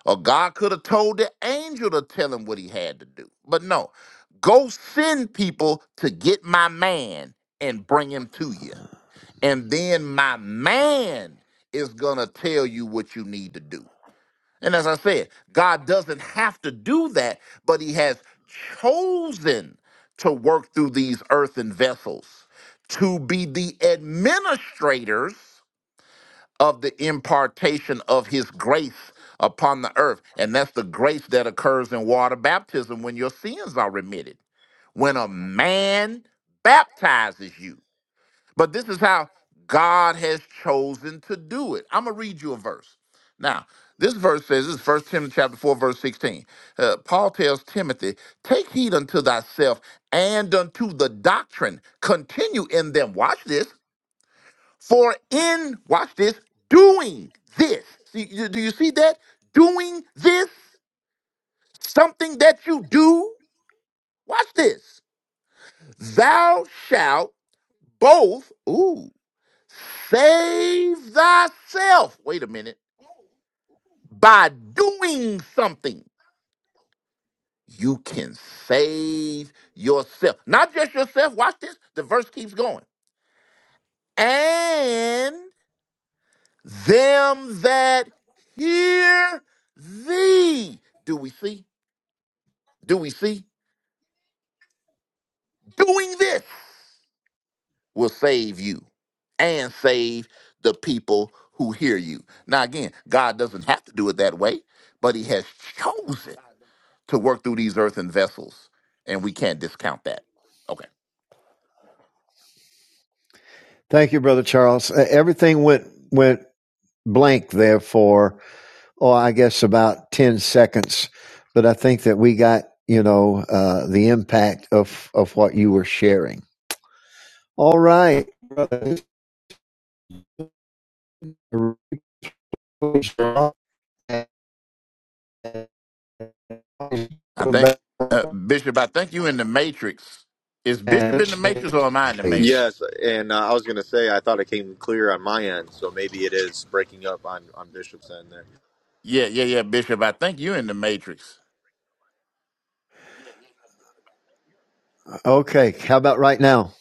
Or God could have told the angel to tell him what he had to do. But no, go send people to get my man and bring him to you. And then my man is going to tell you what you need to do. And as I said, God doesn't have to do that, but he has chosen to work through these earthen vessels to be the administrators of the impartation of his grace upon the earth. And that's the grace that occurs in water baptism when your sins are remitted, when a man baptizes you. But this is how God has chosen to do it. I'm going to read you a verse. Now, this verse says, this is 1 Timothy chapter 4, verse 16. Uh, Paul tells Timothy, take heed unto thyself and unto the doctrine. Continue in them. Watch this for in, watch this, doing this. See, you- do you see that? Doing this, something that you do. Watch this. Thou shalt both, ooh, save thyself. Wait a minute. By doing something, you can save yourself. Not just yourself. Watch this. The verse keeps going. And them that hear thee. Do we see? Do we see? Doing this will save you and save the people who hear you. Now, again, God doesn't have to do it that way, but He has chosen to work through these earthen vessels, and we can't discount that. Okay. Thank you, brother Charles. Uh, Everything went went blank there for oh, I guess about ten seconds, but I think that we got you know uh, the impact of of what you were sharing. All right. I think, uh, Bishop, I think you in the Matrix. Is Bishop And in the Matrix or am I in the Please. Yes, Matrix? and uh, I was going to say I thought it came clear on my end, so maybe it is breaking up on on Bishop's end there. Yeah, yeah, yeah, Bishop. I think you in the Matrix. Okay. How about right now?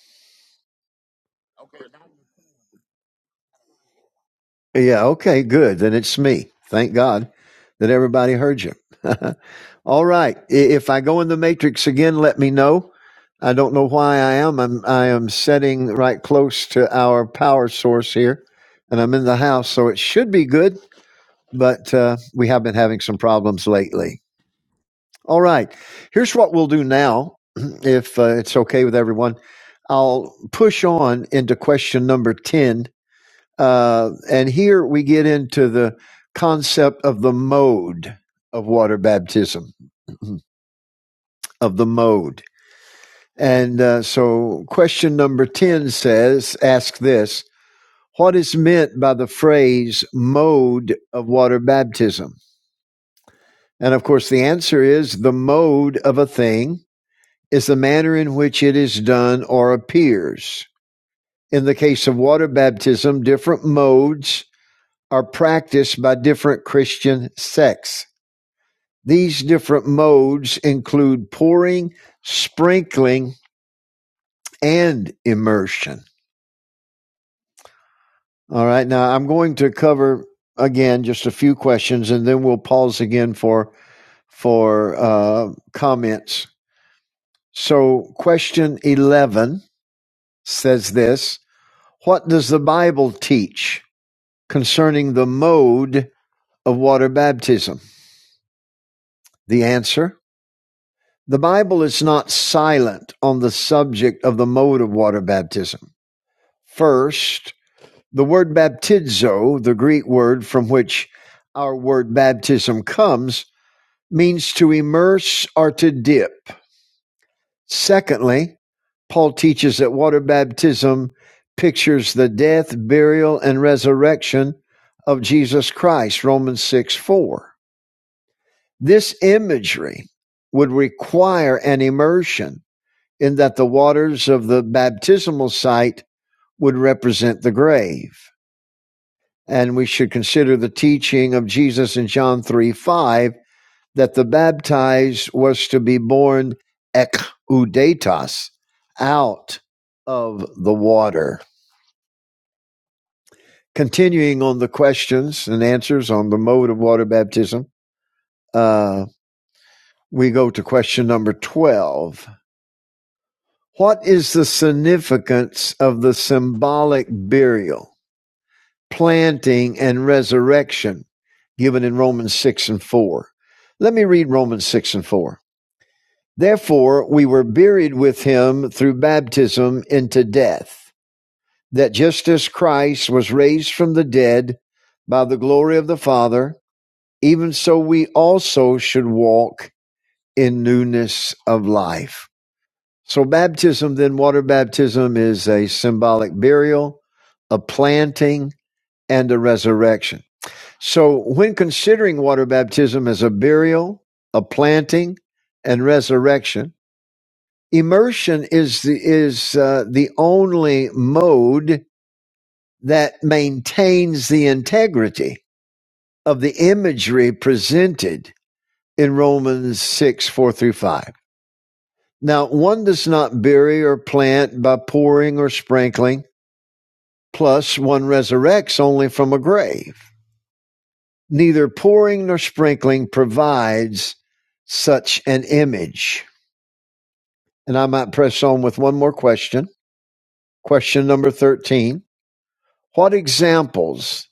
Yeah. Okay. Good. Then it's me. Thank God that everybody heard you. All right. If I go in the matrix again, let me know. I don't know why I am. I'm, I am setting right close to our power source here and I'm in the house, so it should be good, but uh, we have been having some problems lately. All right. Here's what we'll do now. If uh, it's okay with everyone, I'll push on into question number 10 Uh, and here we get into the concept of the mode of water baptism, of the mode. And uh, so, question number 10 says, ask this What is meant by the phrase mode of water baptism? And of course, the answer is the mode of a thing is the manner in which it is done or appears. In the case of water baptism, different modes are practiced by different Christian sects These different modes include pouring, sprinkling, and immersion. All right, now I'm going to cover again just a few questions, and then we'll pause again for for uh, comments. So, question eleven says this: What does the Bible teach concerning the mode of water baptism? The answer: The Bible is not silent on the subject of the mode of water baptism. First, the word baptizo, the Greek word from which our word baptism comes, means to immerse or to dip. Secondly, Paul teaches that water baptism pictures the death, burial, and resurrection of Jesus Christ, Romans 6 4. This imagery would require an immersion in that the waters of the baptismal site would represent the grave. And we should consider the teaching of Jesus in John 3 5 that the baptized was to be born ekoudetas, out of the water. Continuing on the questions and answers on the mode of water baptism, uh, we go to question number 12. What is the significance of the symbolic burial? planting and resurrection given in Romans 6 and 4. Let me read Romans 6 and 4. Therefore, we were buried with him through baptism into death, that just as Christ was raised from the dead by the glory of the Father, even so we also should walk in newness of life. So, baptism, then water baptism, is a symbolic burial, a planting, and a resurrection. So, when considering water baptism as a burial, a planting, and resurrection, immersion is the, is uh, the only mode that maintains the integrity of the imagery presented in Romans 6 4 through 5. Now, one does not bury or plant by pouring or sprinkling, plus, one resurrects only from a grave. Neither pouring nor sprinkling provides such an image. And I might press on with one more question. Question number 13 What examples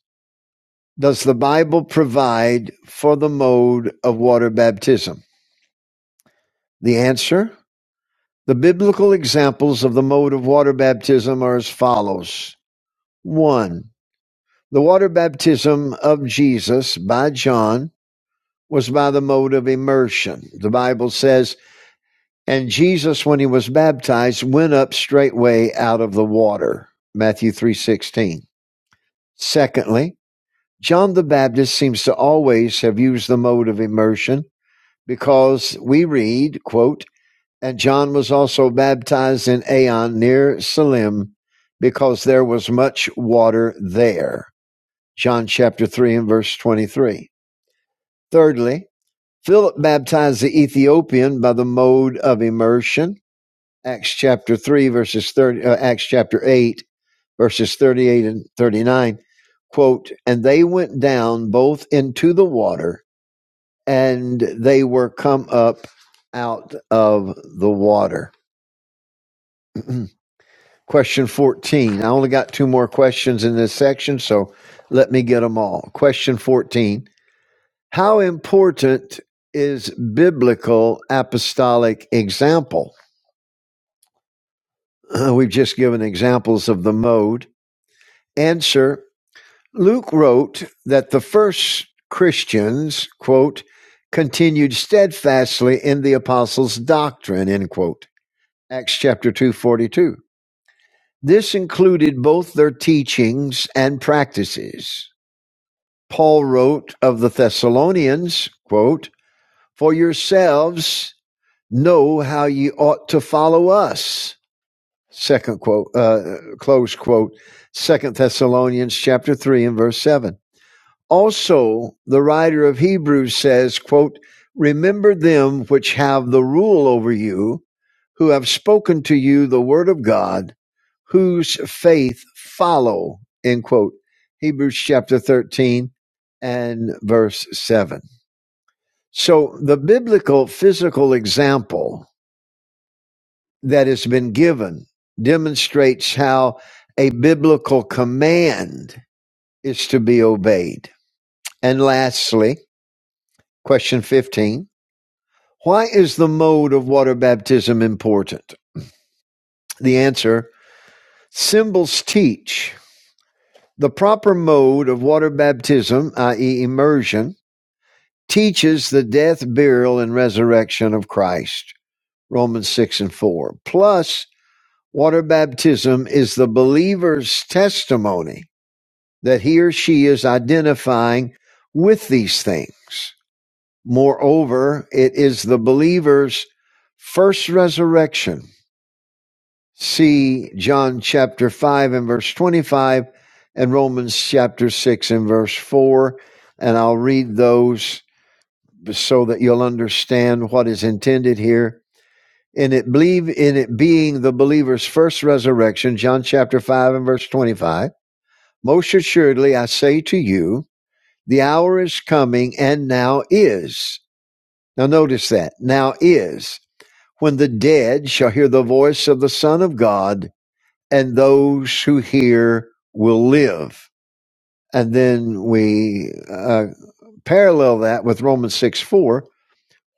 does the Bible provide for the mode of water baptism? The answer the biblical examples of the mode of water baptism are as follows 1. The water baptism of Jesus by John was by the mode of immersion. The Bible says, And Jesus, when he was baptized, went up straightway out of the water. Matthew 3.16. Secondly, John the Baptist seems to always have used the mode of immersion because we read, quote, and John was also baptized in Aon near Salim because there was much water there. John chapter 3 and verse 23. Thirdly, Philip baptized the Ethiopian by the mode of immersion Acts chapter 3, verses 30, uh, Acts chapter 8, verses 38 and 39, quote, And they went down both into the water, and they were come up out of the water. Question 14. I only got two more questions in this section, so let me get them all. Question 14. How important is biblical apostolic example? We've just given examples of the mode. Answer Luke wrote that the first Christians, quote, continued steadfastly in the apostles' doctrine, end quote. Acts chapter 2 42. This included both their teachings and practices. Paul wrote of the Thessalonians, quote, For yourselves know how ye ought to follow us. Second quote, uh, close quote, Second Thessalonians chapter 3 and verse 7. Also, the writer of Hebrews says, quote, Remember them which have the rule over you, who have spoken to you the word of God, whose faith follow, end quote. Hebrews chapter 13 and verse 7. So the biblical physical example that has been given demonstrates how a biblical command is to be obeyed. And lastly, Question 15 Why is the mode of water baptism important? The answer symbols teach. The proper mode of water baptism, i.e., immersion, teaches the death, burial, and resurrection of Christ. Romans 6 and 4. Plus, water baptism is the believer's testimony that he or she is identifying with these things. Moreover, it is the believer's first resurrection See John chapter 5 and verse 25 and Romans chapter 6 and verse 4. And I'll read those so that you'll understand what is intended here. In it, believe in it being the believer's first resurrection, John chapter 5 and verse 25. Most assuredly, I say to you, the hour is coming and now is. Now notice that now is when the dead shall hear the voice of the Son of God and those who hear will live. And then we uh, parallel that with Romans 6 4,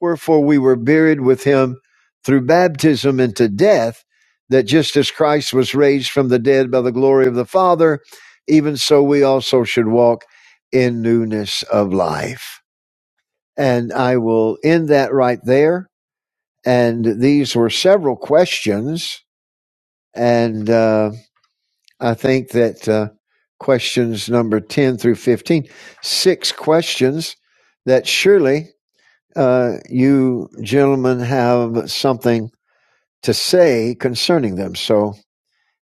wherefore we were buried with him through baptism into death, that just as Christ was raised from the dead by the glory of the Father, even so we also should walk in newness of life. And I will end that right there. And these were several questions. And uh, I think that uh, questions number 10 through fifteen, six questions that surely uh, you gentlemen have something to say concerning them. So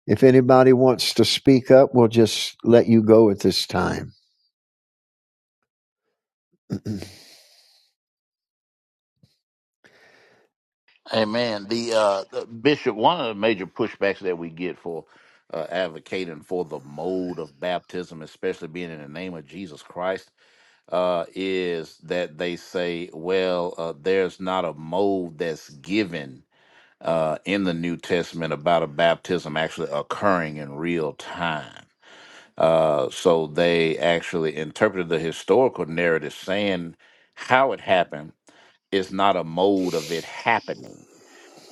if anybody wants to speak up, we'll just let you go at this time. Amen. The uh, the- Bishop, one of the major pushbacks that we get for uh, advocating for the mode of baptism, especially being in the name of Jesus Christ, uh, is that they say, well, uh, there's not a mode that's given uh, in the New Testament about a baptism actually occurring in real time. Uh, so they actually interpreted the historical narrative saying how it happened is not a mode of it happening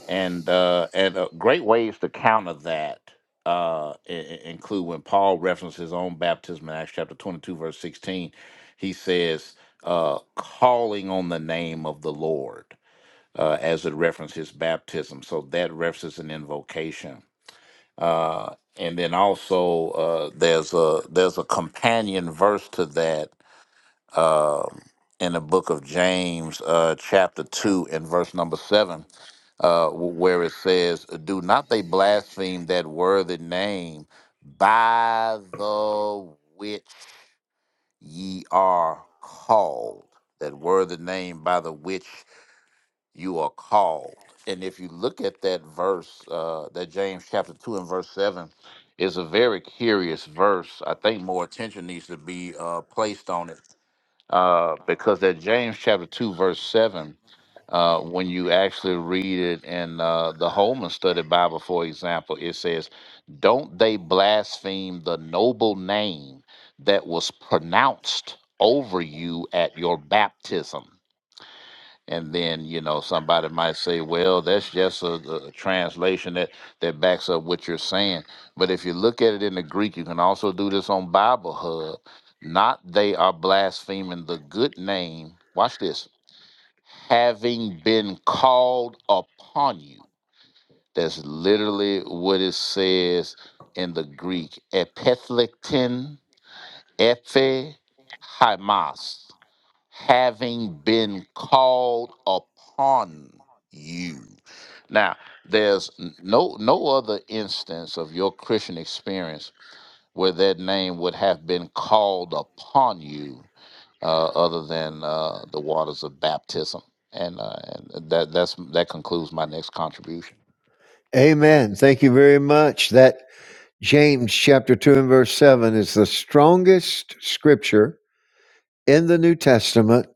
and uh, and uh, great ways to counter that uh, i- i- include when Paul references his own baptism in Acts chapter twenty two verse sixteen. He says, uh, "Calling on the name of the Lord," uh, as it references his baptism. So that references an invocation. Uh, and then also uh, there's a there's a companion verse to that um in the book of James, uh, chapter two and verse number seven uh, where it says, Do not they blaspheme that worthy name by the which ye are called? That worthy name by the which you are called. And if you look at that verse, uh, that James chapter 2 and verse 7 is a very curious verse. I think more attention needs to be uh, placed on it uh, because that James chapter 2, verse 7, uh, when you actually read it in uh, the Holman Study Bible, for example, it says, Don't they blaspheme the noble name that was pronounced over you at your baptism? And then, you know, somebody might say, well, that's just a, a translation that, that backs up what you're saying. But if you look at it in the Greek, you can also do this on Bible Hub. Not they are blaspheming the good name. Watch this. Having been called upon you. That's literally what it says in the Greek. Epithletin epe hymas having been called upon you. Now, there's n- no no other instance of your Christian experience where that name would have been called upon you uh, other than uh, the waters of baptism. And, uh, and that that's that concludes my next contribution. Amen. Thank you very much. That James chapter 2 and verse 7 is the strongest scripture in the New Testament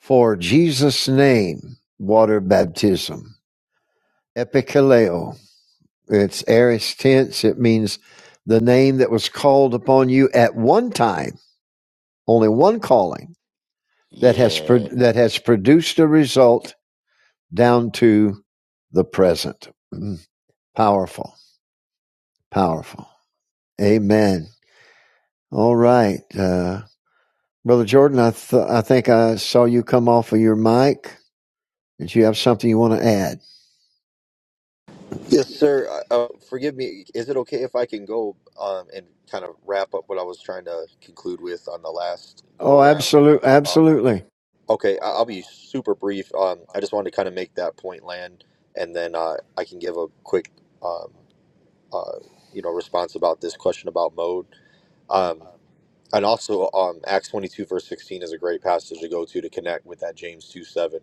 for Jesus' name, water baptism. Epikaleo. It's aorist tense. It means the name that was called upon you at one time, only one calling that has pro- Yeah. that has produced a result down to the present. Powerful, powerful. Amen. All right, uh, brother Jordan. I th- I think I saw you come off of your mic. Did you have something you want to add? Yes, sir. Uh, uh, forgive me. Is it okay if I can go um, and kind of wrap up what I was trying to conclude with on the last go Oh, around? absolutely, Uh, absolutely. okay, I- I'll be super brief. Um, I just wanted to kind of make that point land, and then uh, I can give a quick, um, uh, you know, response about this question about mode. Um, And also, um, Acts 22, verse 16 is a great passage to go to to connect with that James 2 7.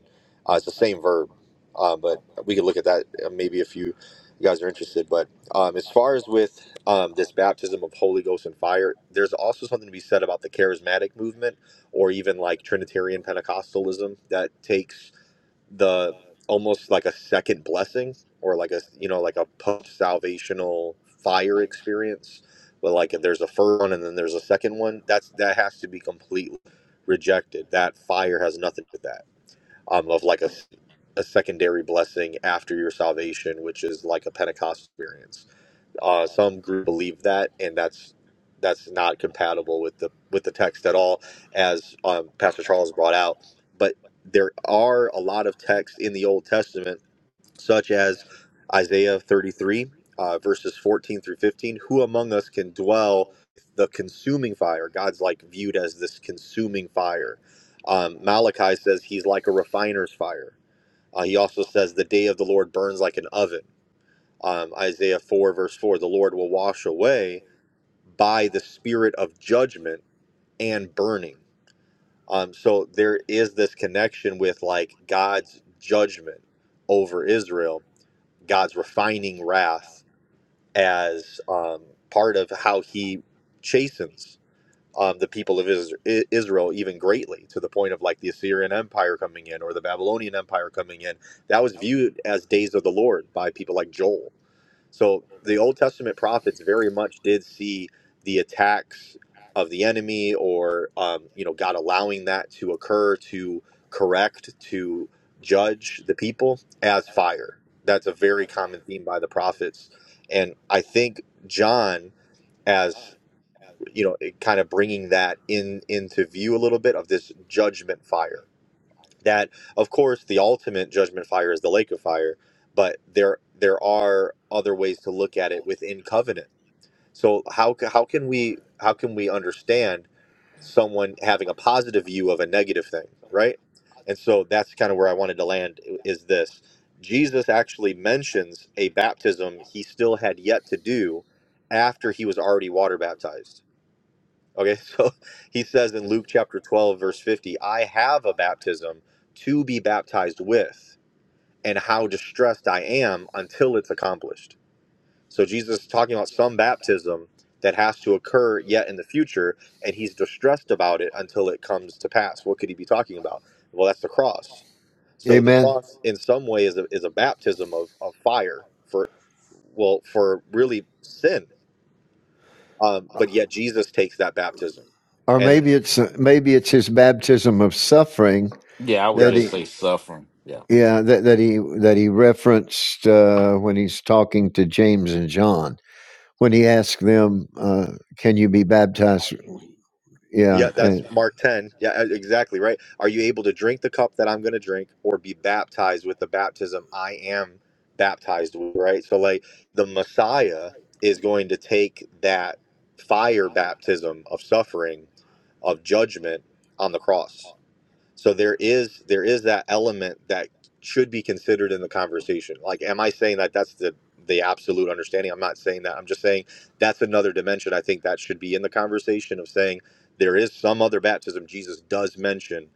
Uh, it's the same verb, uh, but we could look at that uh, maybe if you, you guys are interested. But um, as far as with um, this baptism of Holy Ghost and fire, there's also something to be said about the charismatic movement or even like Trinitarian Pentecostalism that takes the almost like a second blessing or like a you know like a post salvational fire experience but like if there's a first one and then there's a second one that's that has to be completely rejected that fire has nothing to do with that um of like a a secondary blessing after your salvation which is like a pentecost experience uh, some group believe that, and that's that's not compatible with the with the text at all, as um, Pastor Charles brought out. But there are a lot of texts in the Old Testament, such as Isaiah 33 uh, verses 14 through 15. Who among us can dwell the consuming fire? God's like viewed as this consuming fire. Um, Malachi says he's like a refiner's fire. Uh, he also says the day of the Lord burns like an oven um, Isaiah 4, verse 4, the Lord will wash away by the spirit of judgment and burning. Um, so there is this connection with like God's judgment over Israel, God's refining wrath as um, part of how he chastens um, the people of Is- I- Israel even greatly to the point of like the Assyrian Empire coming in or the Babylonian Empire coming in. That was viewed as days of the Lord by people like Joel so the Old Testament prophets very much did see the attacks of the enemy, or um, you know, God allowing that to occur to correct, to judge the people as fire. That's a very common theme by the prophets, and I think John, as you know, it kind of bringing that in into view a little bit of this judgment fire that of course the ultimate judgment fire is the lake of fire but there there are other ways to look at it within covenant so how ca- how can we how can we understand someone having a positive view of a negative thing right and so that's kind of where i wanted to land i- is this jesus actually mentions a baptism he still had yet to do after he was already water baptized Okay, so he says in Luke chapter 12, verse 50, I have a baptism to be baptized with, and how distressed I am until it's accomplished. So Jesus is talking about some baptism that has to occur yet in the future, and he's distressed about it until it comes to pass. What could he be talking about? Well, that's the cross. So the Amen. cross, in some way, is a, is a baptism of, of fire for, well, for really sin. Um, but yet Jesus takes that baptism. or And then, maybe it's maybe it's his baptism of suffering Yeah, I would that yes. just he say suffering. Yeah. yeah that, that he that he referenced uh, when he's talking to James and John when he asked them uh, can you be baptized yeah Yeah, that's and, Mark 10. Yeah, e- exactly right. Are you able to drink the cup that I'm going to drink or be baptized with the baptism I am baptized with, right? So, like, the Messiah is going to take that fire baptism of suffering, of judgment on the cross so there is there is that element that should be considered in the conversation. Like, am I saying that that's the the absolute understanding? I'm not saying that. I'm just saying that's another dimension. I think that should be in the conversation of saying there is some other baptism Jesus does mention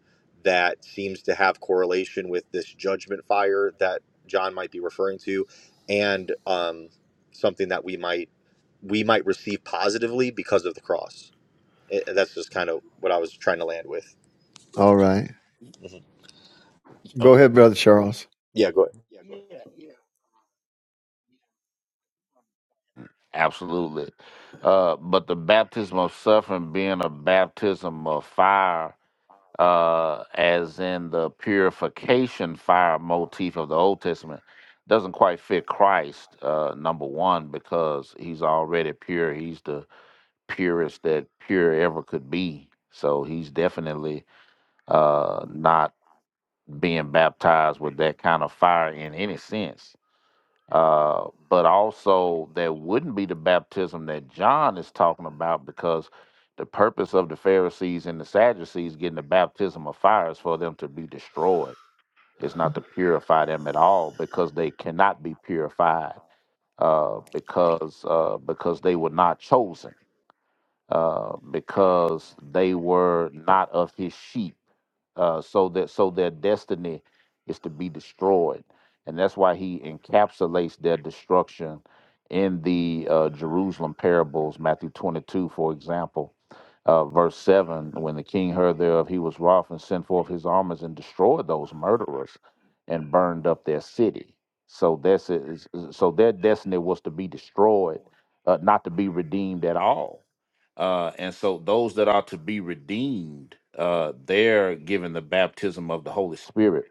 that seems to have correlation with this judgment fire that John might be referring to, and um, something that we might we might receive positively because of the cross. Eh, that's just kind of what I was trying to land with. all right Mhm. go Oh, ahead brother Charles Yeah, go ahead. absolutely. Uh, but the baptism of suffering being a baptism of fire uh, as in the purification fire motif of the Old Testament, doesn't quite fit Christ, uh, number one, because he's already pure. He's the purest that pure ever could be. So he's definitely uh, not being baptized with that kind of fire in any sense uh, but also there wouldn't be the baptism that John is talking about because the purpose of the Pharisees and the Sadducees getting the baptism of fire is for them to be destroyed. It's not to purify them at all because they cannot be purified uh, because uh, because they were not chosen uh, because they were not of his sheep. Uh, so that so their destiny is to be destroyed, and that's why he encapsulates their destruction in the uh, Jerusalem parables, Matthew twenty-two, for example, uh, verse seven. When the king heard thereof, he was wroth and sent forth his armies and destroyed those murderers and burned up their city. So that's is so their destiny was to be destroyed, uh, not to be redeemed at all uh, and so those that are to be redeemed, uh, they're given the baptism of the Holy Spirit,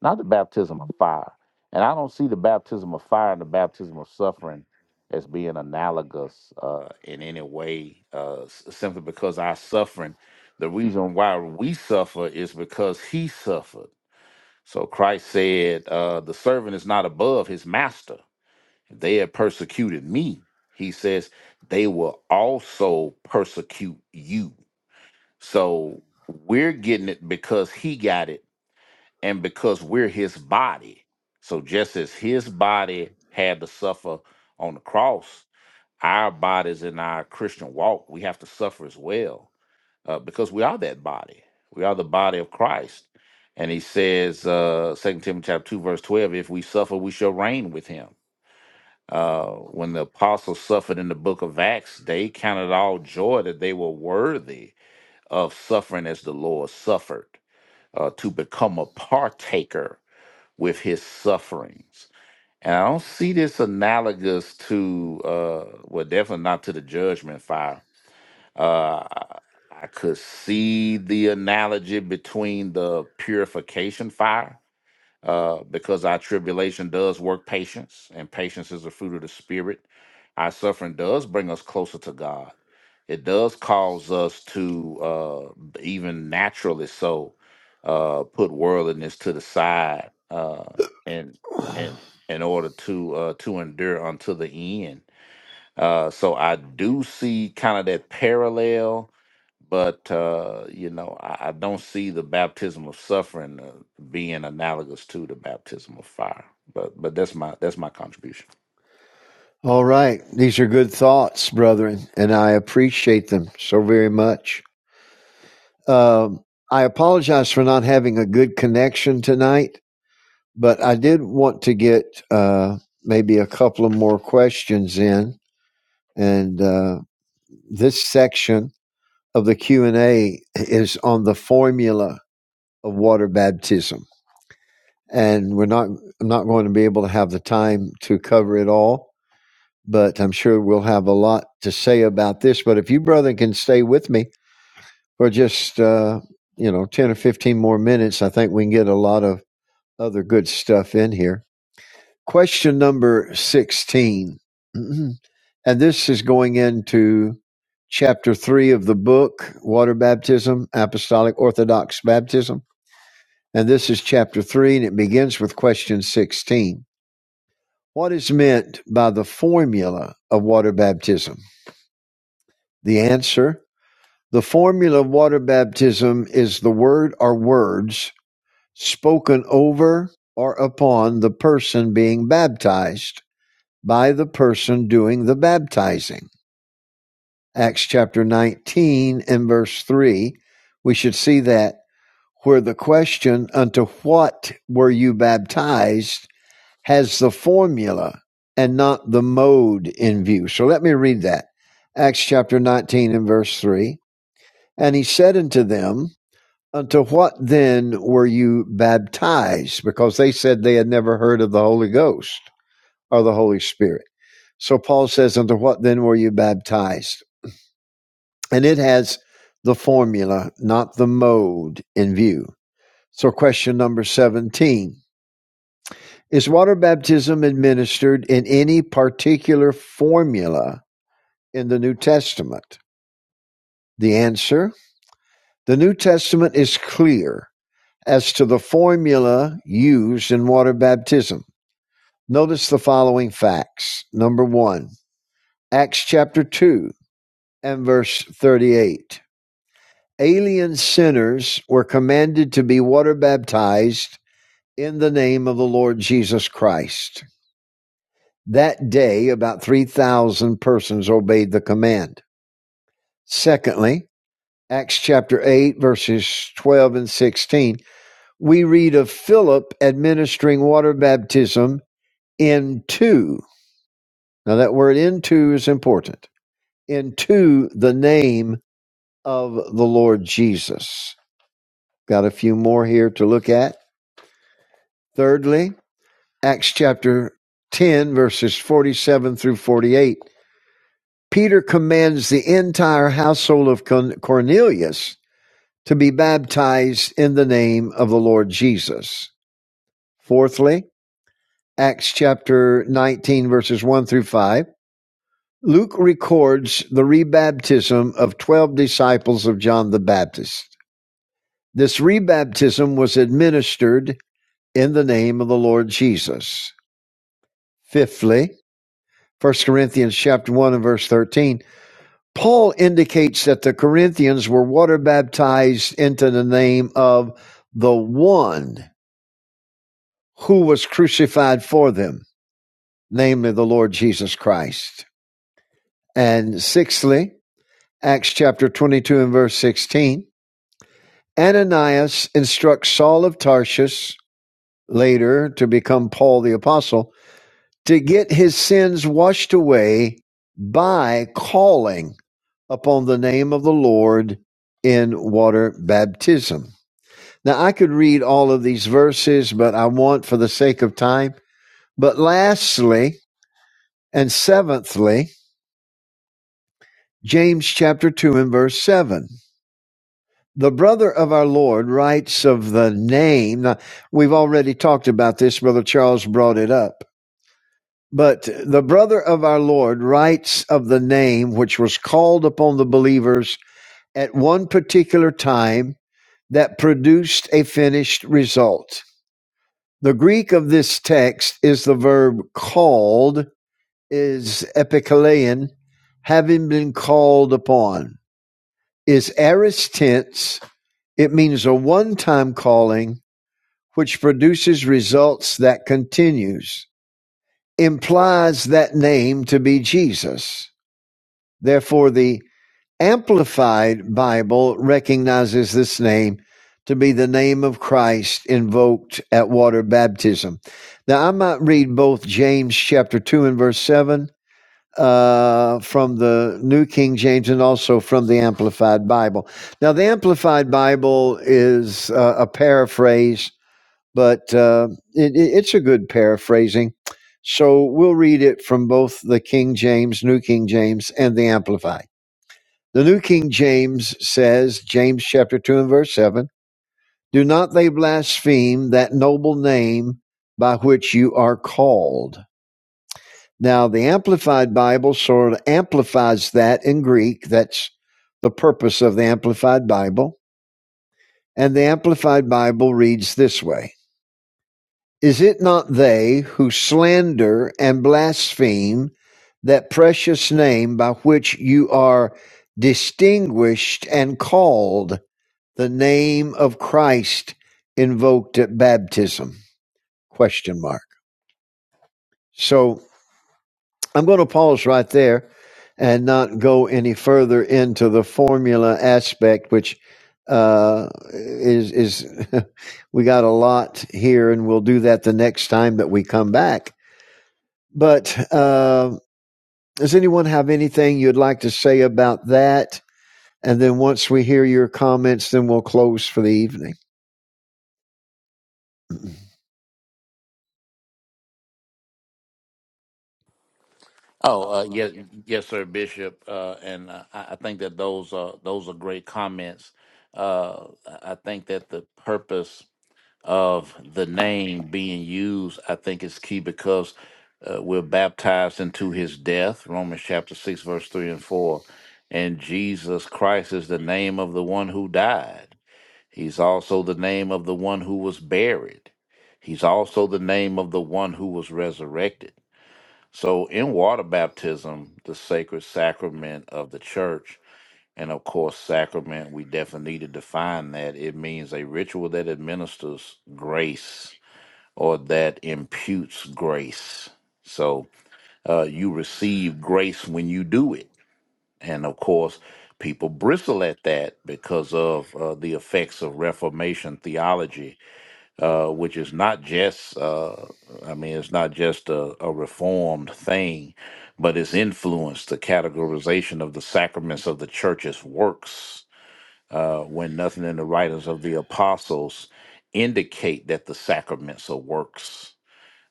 not the baptism of fire. And I don't see the baptism of fire and the baptism of suffering as being analogous uh, in any way, uh, s- simply because our suffering, the reason why we suffer is because he suffered. So Christ said, uh, the servant is not above his master if they had persecuted me, he says, they will also persecute you. So we're getting it because he got it and because we're his body. So just as his body had to suffer on the cross, our bodies in our Christian walk, we have to suffer as well uh, because we are that body. We are the body of Christ. And he says, uh, 2 Timothy chapter 2, verse 12, if we suffer, we shall reign with him. Uh, when the apostles suffered in the book of Acts, they counted all joy that they were worthy of suffering as the Lord suffered, uh, to become a partaker with his sufferings. And I don't see this analogous to, uh, well, definitely not to the judgment fire. Uh, I I could see the analogy between the purification fire uh, because our tribulation does work patience, and patience is the fruit of the Spirit. Our suffering does bring us closer to God. It does cause us to, uh, even naturally so, uh, put worldliness to the side uh, and and in order to uh, to endure unto the end. Uh, so I do see kind of that parallel, but uh, you know, I, I don't see the baptism of suffering uh, being analogous to the baptism of fire. But but that's my that's my contribution. all right these are good thoughts brethren and I appreciate them so very much um, I apologize for not having a good connection tonight but I did want to get uh, maybe a couple of more questions in, and uh, this section of the Q and A is on the formula of water baptism, and we're not I'm not going to be able to have the time to cover it all, but I'm sure we'll have a lot to say about this. But if you brother can stay with me for just uh, you know ten or fifteen more minutes, I think we can get a lot of other good stuff in here Question number 16. Mhm. And this is going into chapter 3 of the book, Water Baptism, Apostolic Orthodox Baptism. And this is chapter 3, and it begins with question 16. What is meant by the formula of water baptism? The answer the formula of water baptism is the word or words spoken over or upon the person being baptized by the person doing the baptizing. Acts chapter 19 and verse 3, we should see that where the question, unto what were you baptized, has the formula and not the mode in view. So let me read that. Acts chapter 19 and verse 3. And he said unto them, Unto what then were you baptized? Because they said they had never heard of the Holy Ghost of the Holy Spirit. So Paul says, Unto what then were you baptized? And it has the formula, not the mode, in view. So, question number 17 Is water baptism administered in any particular formula in the New Testament? The answer The New Testament is clear as to the formula used in water baptism. Notice the following facts. Number one, Acts chapter 2 and verse 38. Alien sinners were commanded to be water baptized in the name of the Lord Jesus Christ. That day, about 3,000 persons obeyed the command. Secondly, Acts chapter 8, verses 12 and 16, we read of Philip administering water baptism into. Now, that word into is important. Into the name of the Lord Jesus. Got a few more here to look at. Thirdly, Acts chapter 10, verses 47 through 48, Peter commands the entire household of Cornelius to be baptized in the name of the Lord Jesus. Fourthly, Acts chapter 19, verses 1 through 5, Luke records the rebaptism of 12 disciples of John the Baptist. This rebaptism was administered in the name of the Lord Jesus. Fifthly, First Corinthians chapter 1 and verse 13, Paul indicates that the Corinthians were water baptized into the name of the one who was crucified for them, namely the Lord Jesus Christ. And sixthly, Acts chapter 22 and verse 16, Ananias instructs Saul of Tarsus, later to become Paul the Apostle, to get his sins washed away by calling upon the name of the Lord in water baptism. Now, I could read all of these verses, but I want for the sake of time. But lastly and seventhly, James chapter 2 and verse 7. The brother of our Lord writes of the name. Now, we've already talked about this. Brother Charles brought it up. But the brother of our Lord writes of the name which was called upon the believers at one particular time that produced a finished result. The Greek of this text is the verb called is epikalein, having been called upon. Is aorist tense. It means a one-time calling which produces results that continues. Implies that name to be Jesus. Therefore, the Amplified Bible recognizes this name to be the name of Christ invoked at water baptism. Now, I might read both James chapter 2 and verse 7 uh, from the New King James and also from the Amplified Bible. Now, the Amplified Bible is uh, a paraphrase, but uh, it, it's a good paraphrasing. So we'll read it from both the King James, New King James, and the Amplified. The New King James says, James chapter 2 and verse 7, Do not they blaspheme that noble name by which you are called. Now, the Amplified Bible sort of amplifies that in Greek. That's the purpose of the Amplified Bible. And the Amplified Bible reads this way Is it not they who slander and blaspheme that precious name by which you are distinguished and called? the name of Christ invoked at baptism? Question mark. So I'm going to pause right there and not go any further into the formula aspect, which uh, is is we got a lot here, and we'll do that the next time that we come back. But uh, does anyone have anything you'd like to say about that? And then once we hear your comments, then we'll close for the evening. Oh uh, yes, yes, sir, Bishop, uh, and uh, I, I think that those are those are great comments. Uh, I I think that the purpose of the name being used, I think is key because uh, we're baptized into his death, Romans chapter 6, verse 3 and 4. And Jesus Christ is the name of the one who died. He's also the name of the one who was buried. He's also the name of the one who was resurrected. So, in water baptism, the sacred sacrament of the church, and of course, sacrament, we definitely need to define that. It means a ritual that administers grace or that imputes grace. So uh, you receive grace when you do it. And of course, people bristle at that because of uh, the effects of Reformation theology, uh, which is not just, uh, I mean, it's not just a, a reformed thing, but it's influenced the categorization of the sacraments of the church's works. Uh, when nothing in the writings of the apostles indicate that the sacraments are works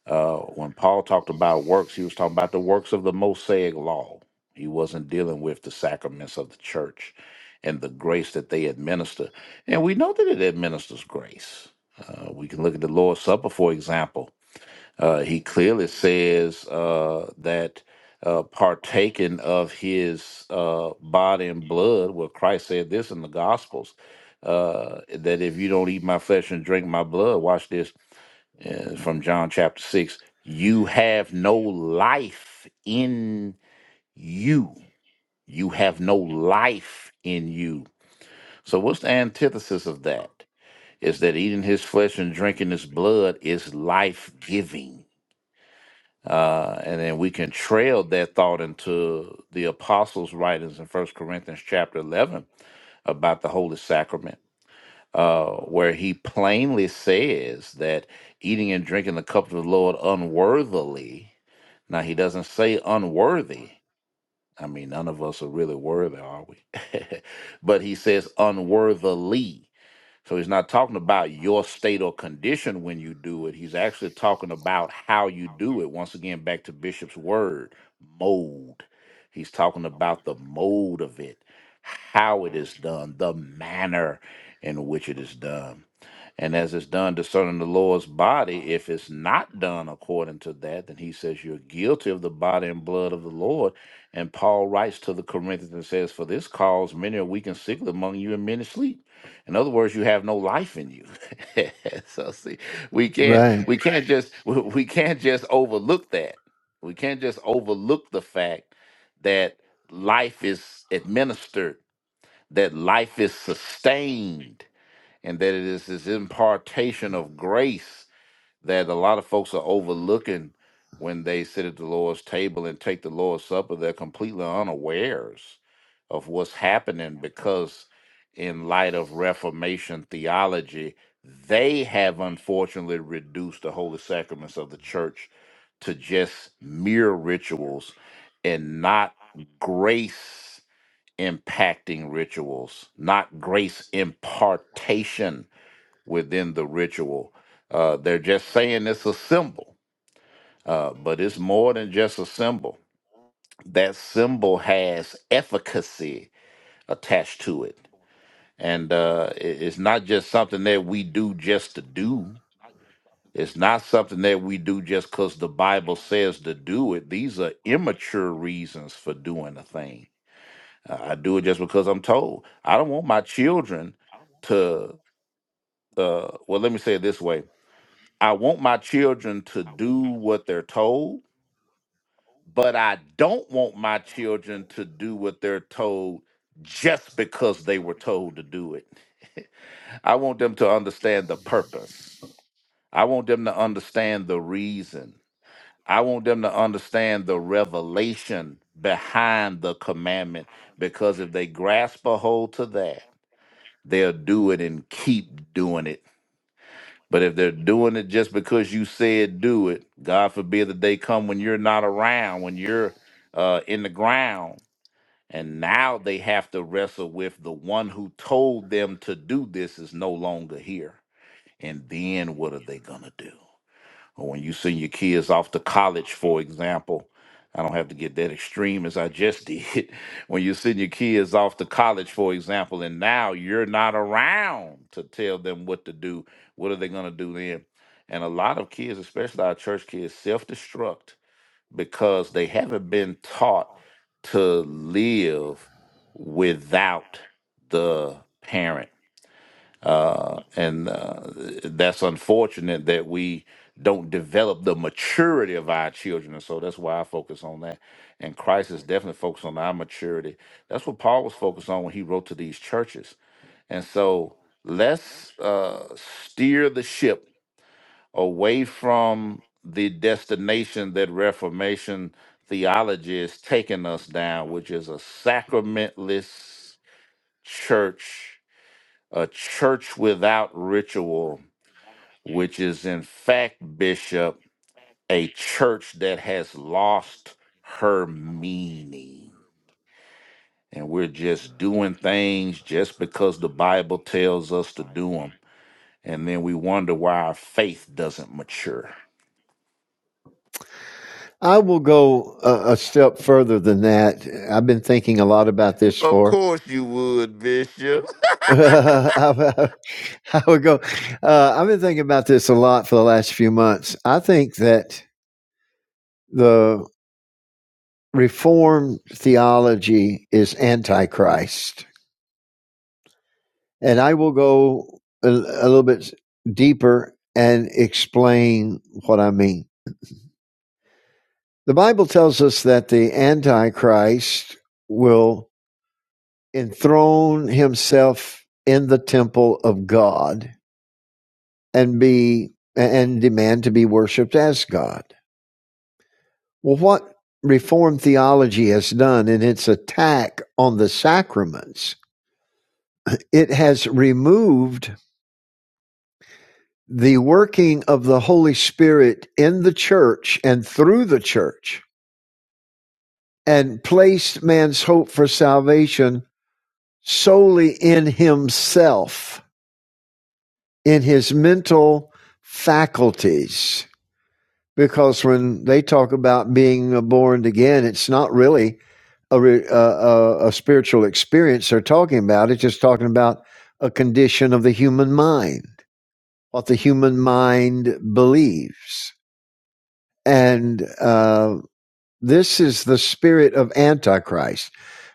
uh, when Paul talked about works, he was talking about the works of the Mosaic law. He wasn't dealing with the sacraments of the church and the grace that they administer. And we know that it administers grace. Uh, we can look at the Lord's Supper, for example. Uh, he clearly says uh, that uh, partaking of his uh, body and blood, well, Christ said this in the Gospels, uh, that if you don't eat my flesh and drink my blood, watch this uh, from John chapter 6 you have no life in you. You have no life in you. So, what's the antithesis of that? Is that eating his flesh and drinking his blood is life giving. Uh, and then we can trail that thought into the apostles' writings in First Corinthians chapter 11 about the holy sacrament uh, where he plainly says that eating and drinking the cup of the Lord unworthily. Now, he doesn't say unworthy. I mean, none of us are really worthy, are we? but he says unworthily. So he's not talking about your state or condition when you do it. He's actually talking about how you do it. Once again, back to Bishop's word, mode. He's talking about the mode of it, how it is done, the manner in which it is done. And as it's done discerning the Lord's body, if it's not done according to that, then he says you're guilty of the body and blood of the Lord. And Paul writes to the Corinthians and says, For this cause many are weak and sickly among you, and many sleep. In other words, you have no life in you. so see, we can't Right. we can't just we we can't just overlook that. We can't just overlook the fact that life is administered, that life is sustained and that it is this impartation of grace that a lot of folks are overlooking when they sit at the Lord's table and take the Lord's Supper. They're completely unawares of what's happening because, in light of Reformation theology, they have unfortunately reduced the holy sacraments of the church to just mere rituals and not grace impacting rituals, not grace impartation within the ritual. Uh, they're just saying it's a symbol, uh, but it's more than just a symbol. That symbol has efficacy attached to it. And uh, i- it's not just something that we do just to do. It's not something that we do just because the Bible says to do it. These are immature reasons for doing a thing. Uh, I do it just because I'm told. I don't want my children to, uh, well, let me say it this way I want my children to do what they're told, but I don't want my children to do what they're told just because they were told to do it. I want them to understand the purpose. I want them to understand the reason. I want them to understand the revelation behind the commandment because if they grasp a hold to that, they'll do it and keep doing it But if they're doing it just because you said do it, God forbid that they come when you're not around, when you're uh, in the ground, and now they have to wrestle with the one who told them to do this is no longer here. And then what are they gonna do? or when you send your kids off to college, for example, I don't have to get that extreme as I just did. When you send your kids off to college, for example, and now you're not around to tell them what to do, what are they going to do then? And a lot of kids, especially our church kids, self destruct because they haven't been taught to live without the parent uh, and uh, that's unfortunate that we don't develop the maturity of our children and so that's why i focus on that and christ is definitely focused on our maturity that's what paul was focused on when he wrote to these churches and so let's uh, steer the ship away from the destination that reformation theology is taking us down which is a sacramentless church a church without ritual which is in fact, Bishop, a church that has lost her meaning. And we're just doing things just because the Bible tells us to do them. And then we wonder why our faith doesn't mature. I will go a, a step further than that. I've been thinking a lot about this Of for. course you would, Bishop. I, I would go. Uh, I've been thinking about this a lot for the last few months. I think that the Reformed theology is antichrist, and I will go a, a little bit deeper and explain what I mean. The Bible tells us that the antichrist will enthrone himself in the temple of God and be and demand to be worshiped as God. Well, what Reformed theology has done in its attack on the sacraments, it has removed the working of the Holy Spirit in the church and through the church and placed man's hope for salvation solely in himself, in his mental faculties because when they talk about being born again, it's not really a, a, a spiritual experience they're talking about. It's just talking about a condition of the human mind, what the human mind believes. And uh, this is the spirit of Antichrist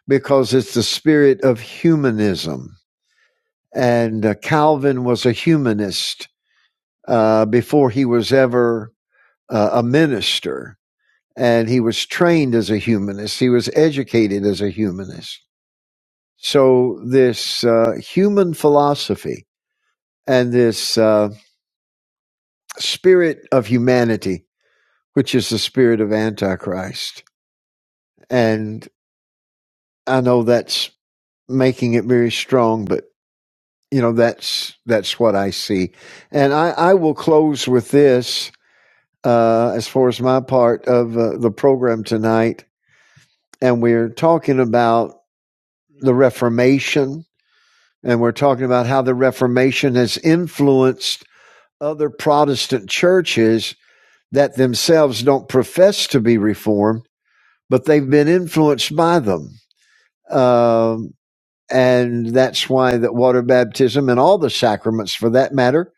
because it's the spirit of humanism. And uh, Calvin was a humanist uh, before he was ever uh, a minister and he was trained as a humanist. He was educated as a humanist. So this uh, human philosophy and this uh, spirit of humanity, which is the spirit of Antichrist, and I know that's making it very strong, but you know that's that's what I see, and I, I will close with this uh, as far as my part of uh, the program tonight, and we're talking about the Reformation And we're talking about how the Reformation has influenced other Protestant churches that themselves don't profess to be Reformed, but they've been influenced by them. Um, and that's why that water baptism and all the sacraments for that matter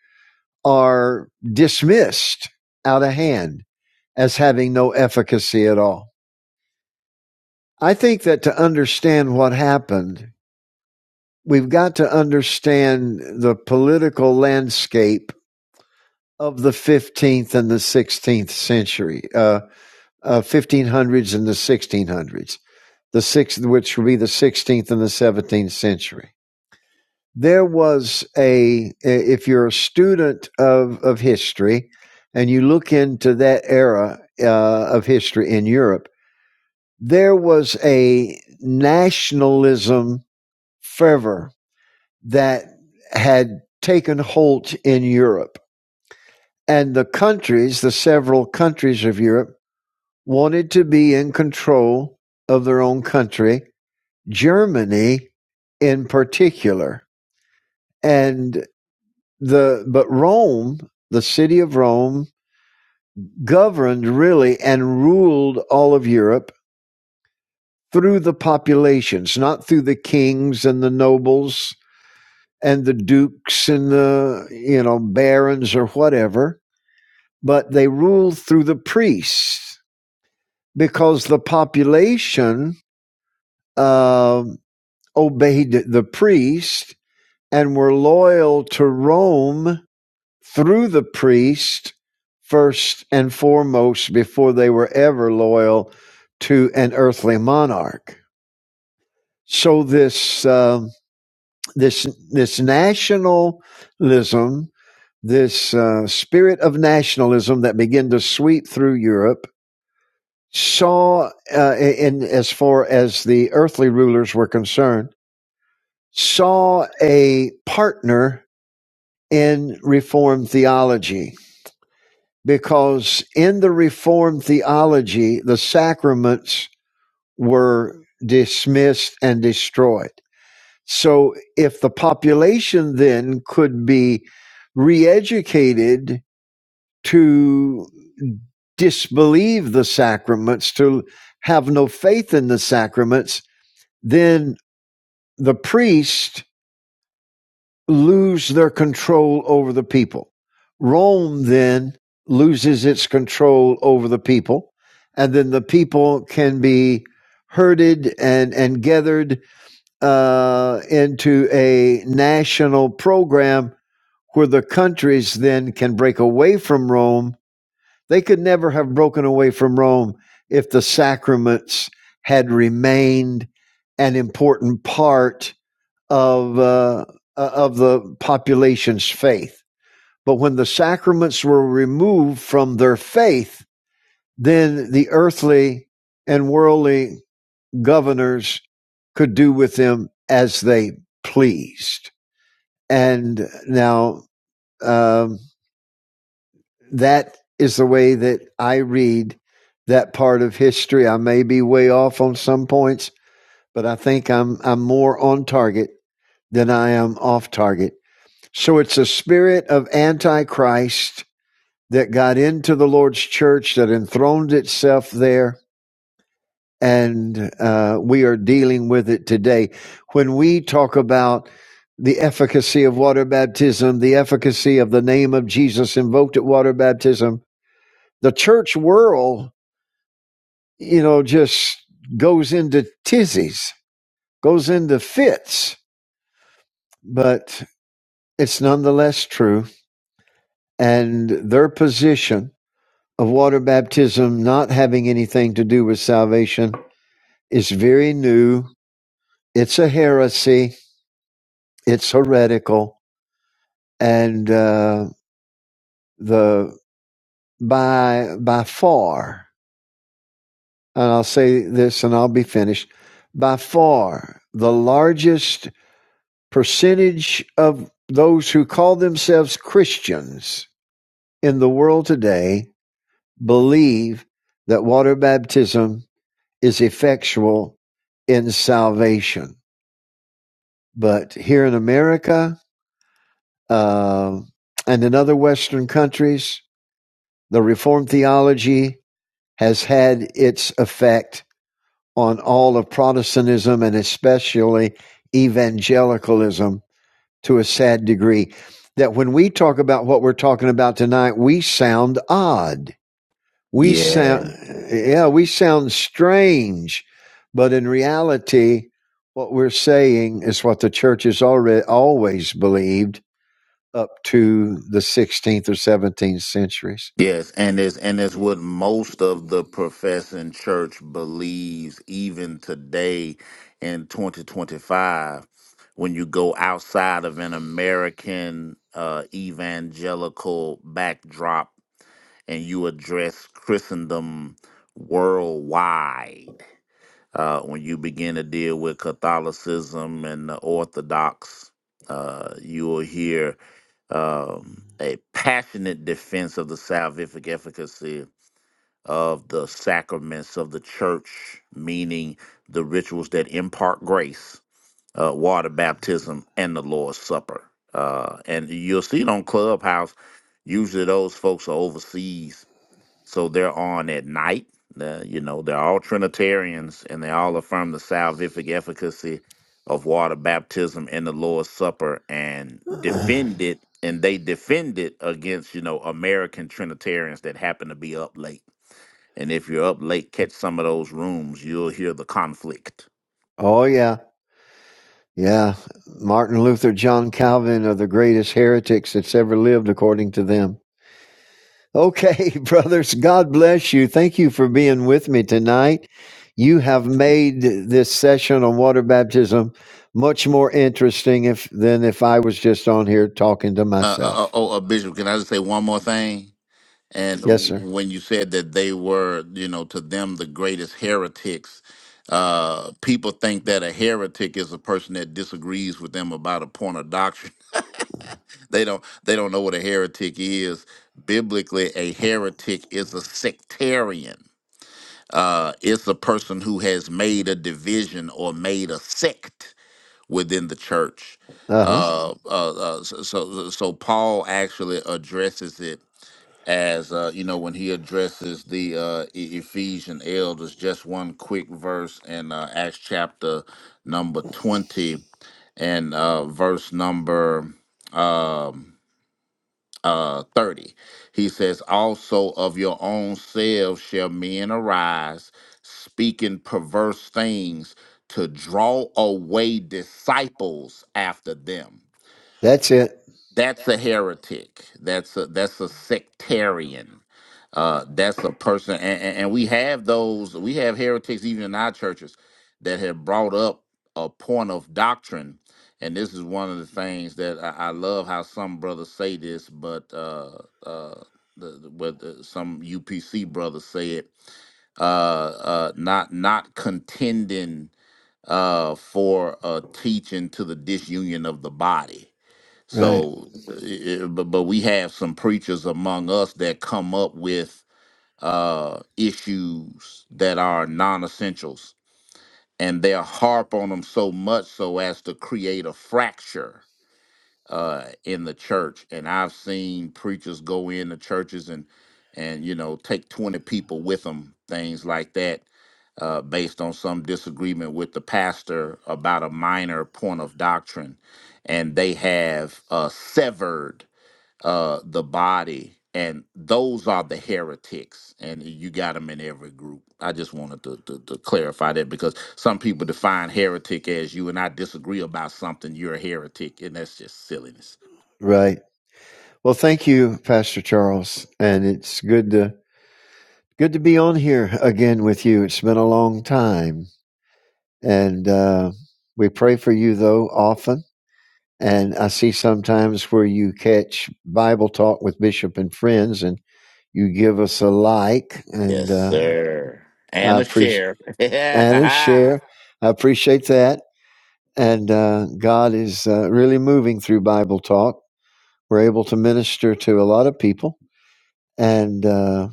are dismissed out of hand as having no efficacy at all. I think that to understand what happened, we've got to understand the political landscape of the 15th and the 16th century, uh, uh, 1500s and the 1600s, the sixth, which would be the 16th and the 17th century. There was a, if you're a student of, of history and you look into that era uh, of history in Europe, there was a nationalism fervor that had taken hold in Europe. And the countries, the several countries of Europe, wanted to be in control of their own country, Germany in particular. And the but Rome, the city of Rome, governed really and ruled all of Europe through the populations, not through the kings and the nobles and the dukes and the you know barons or whatever, but they ruled through the priests because the population um, obeyed the priest and were loyal to Rome through the priest first and foremost before they were ever loyal to an earthly monarch. So this um this this nationalism, this uh, spirit of nationalism that began to sweep through Europe, saw uh, in as far as the earthly rulers were concerned, saw a partner in Reformed theology because in the Reformed theology, the sacraments were dismissed and destroyed. So if the population then could be re-educated to disbelieve the sacraments, to have no faith in the sacraments, then the priest lose their control over the people. Rome then loses its control over the people, and then the people can be herded and, and gathered uh, into a national program where the countries then can break away from Rome. They could never have broken away from Rome if the sacraments had remained an important part of uh, uh, of the population's faith. But when the sacraments were removed from their faith, then the earthly and worldly governors could do with them as they pleased. And now um, that is the way that I read that part of history. I may be way off on some points, but I think I'm I'm more on target than I am off target So it's a spirit of Antichrist that got into the Lord's church, that enthroned itself there, and uh, we are dealing with it today. When we talk about the efficacy of water baptism, the efficacy of the name of Jesus invoked at water baptism, the church world, you know, just goes into tizzies, goes into fits, but it's nonetheless true. And their position of water baptism not having anything to do with salvation is very new. It's a heresy. It's heretical, and uh, the by by far, and I'll say this, and I'll be finished. By far, the largest percentage of those who call themselves Christians in the world today believe that water baptism is effectual in salvation But here in America uh, and in other Western countries, the Reformed theology has had its effect on all of Protestantism and especially evangelicalism to a sad degree. That when we talk about what we're talking about tonight, we sound odd. We Yeah, sound, yeah, we sound strange. But in reality, what we're saying is what the church has already always believed up to the 16th or 17th centuries. Yes, and it's and it's what most of the professing church believes even today in 2025 when you go outside of an American uh, evangelical backdrop and you address Christendom worldwide. Uh, when you begin to deal with Catholicism and the Orthodox, uh, you will hear um, a passionate defense of the salvific efficacy of the sacraments of the church, meaning the rituals that impart grace, uh, water baptism, and the Lord's Supper. Uh, and you'll see it on Clubhouse. Usually, those folks are overseas so they're on at night. The- you know, they're all Trinitarians and they all affirm the salvific efficacy of water baptism and the Lord's Supper and defend it. And they defend it against, you know, American Trinitarians that happen to be up late. And if you're up late, catch some of those rooms. You'll hear the conflict. oh, yeah. Yeah. Martin Luther, John Calvin are the greatest heretics that's ever lived, according to them. Okay, brothers, God bless you. Thank you for being with me tonight. You have made this session on water baptism much more interesting if, than if I was just on here talking to Uh, uh, uh, myself. oh, uh, Bishop, can I just say one more thing? And Yes, sir. when you said that they were, you know, to them the greatest heretics, uh, people think that a heretic is a person that disagrees with them about a point of doctrine. They don't they don't know what a heretic is. Biblically, a heretic is a sectarian. Uh, it's a person who has made a division or made a sect within the church. Uh huh. Uh, uh, uh, so, so, so Paul actually addresses it as uh, you know when he addresses the uh, E- Ephesian elders. Just one quick verse in uh, Acts chapter number twenty and uh, verse number um, uh, thirty. He says, "Also of your own selves shall men arise, speaking perverse things." To draw away disciples after them That's it. that's a heretic. That's a that's a sectarian. Uh, that's a person, and, and, and we have those. We have heretics even in our churches that have brought up a point of doctrine. And this is one of the things that I, I love how some brothers say this, but uh, uh, the, the, what the, some UPC brothers say it uh, uh, not not contending uh, for a teaching to the disunion of the body Right. so, i- i- but but we have some preachers among us that come up with uh, issues that are non-essentials, and they'll harp on them so much so as to create a fracture uh, in the church. And I've seen preachers go into churches and and you know take twenty people with them, things like that, uh, based on some disagreement with the pastor about a minor point of doctrine, and they have uh, severed uh the body and those are the heretics and you got them in every group i just wanted to, to, to clarify that because some people define heretic as you and i disagree about something you're a heretic and that's just silliness Right. Well, thank you, Pastor Charles, and it's good to good to be on here again with you. It's been a long time, and uh, we pray for you though often. And I see sometimes where you catch Bible talk with Bishop and friends, and you give us a like, and Yes, uh, sir. I And a appreciate share. and share. I appreciate that, and uh, God is uh, really moving through Bible talk. We're able to minister to a lot of people, and. Uh,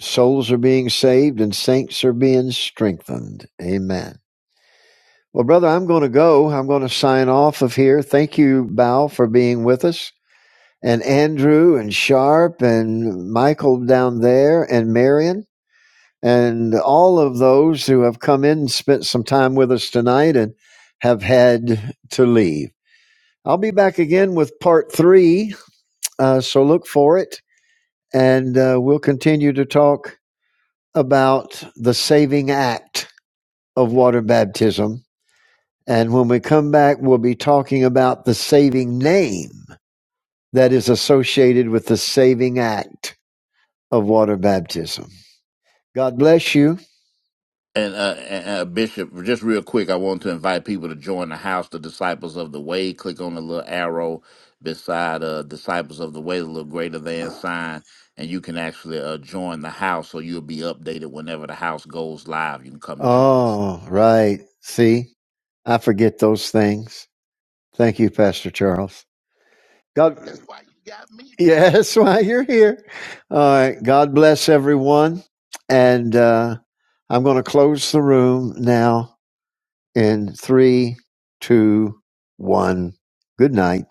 souls are being saved and saints are being strengthened. Amen. Well, brother, I'm going to go. I'm going to sign off of here. Thank you, Bao, for being with us, and Andrew and Sharp and Michael down there and Marion and all of those who have come in and spent some time with us tonight and have had to leave. I'll be back again with part three, uh, so look for it, and uh, we'll continue to talk about the saving act of water baptism. And when we come back, we'll be talking about the saving name that is associated with the saving act of water baptism. God bless you. And, uh, and uh, Bishop, just real quick, I want to invite people to join the house, the Disciples of the Way. Click on the little arrow beside uh, Disciples of the Way, the little greater than sign, and you can actually uh, join the house, so you'll be updated whenever the house goes live. You can come join us. Oh, right. See, I forget those things. Thank you, Pastor Charles. God, that's why you got me. yeah, that's why you're here. All right. God bless everyone. And uh, I'm going to close the room now. in three, two, one. Good night.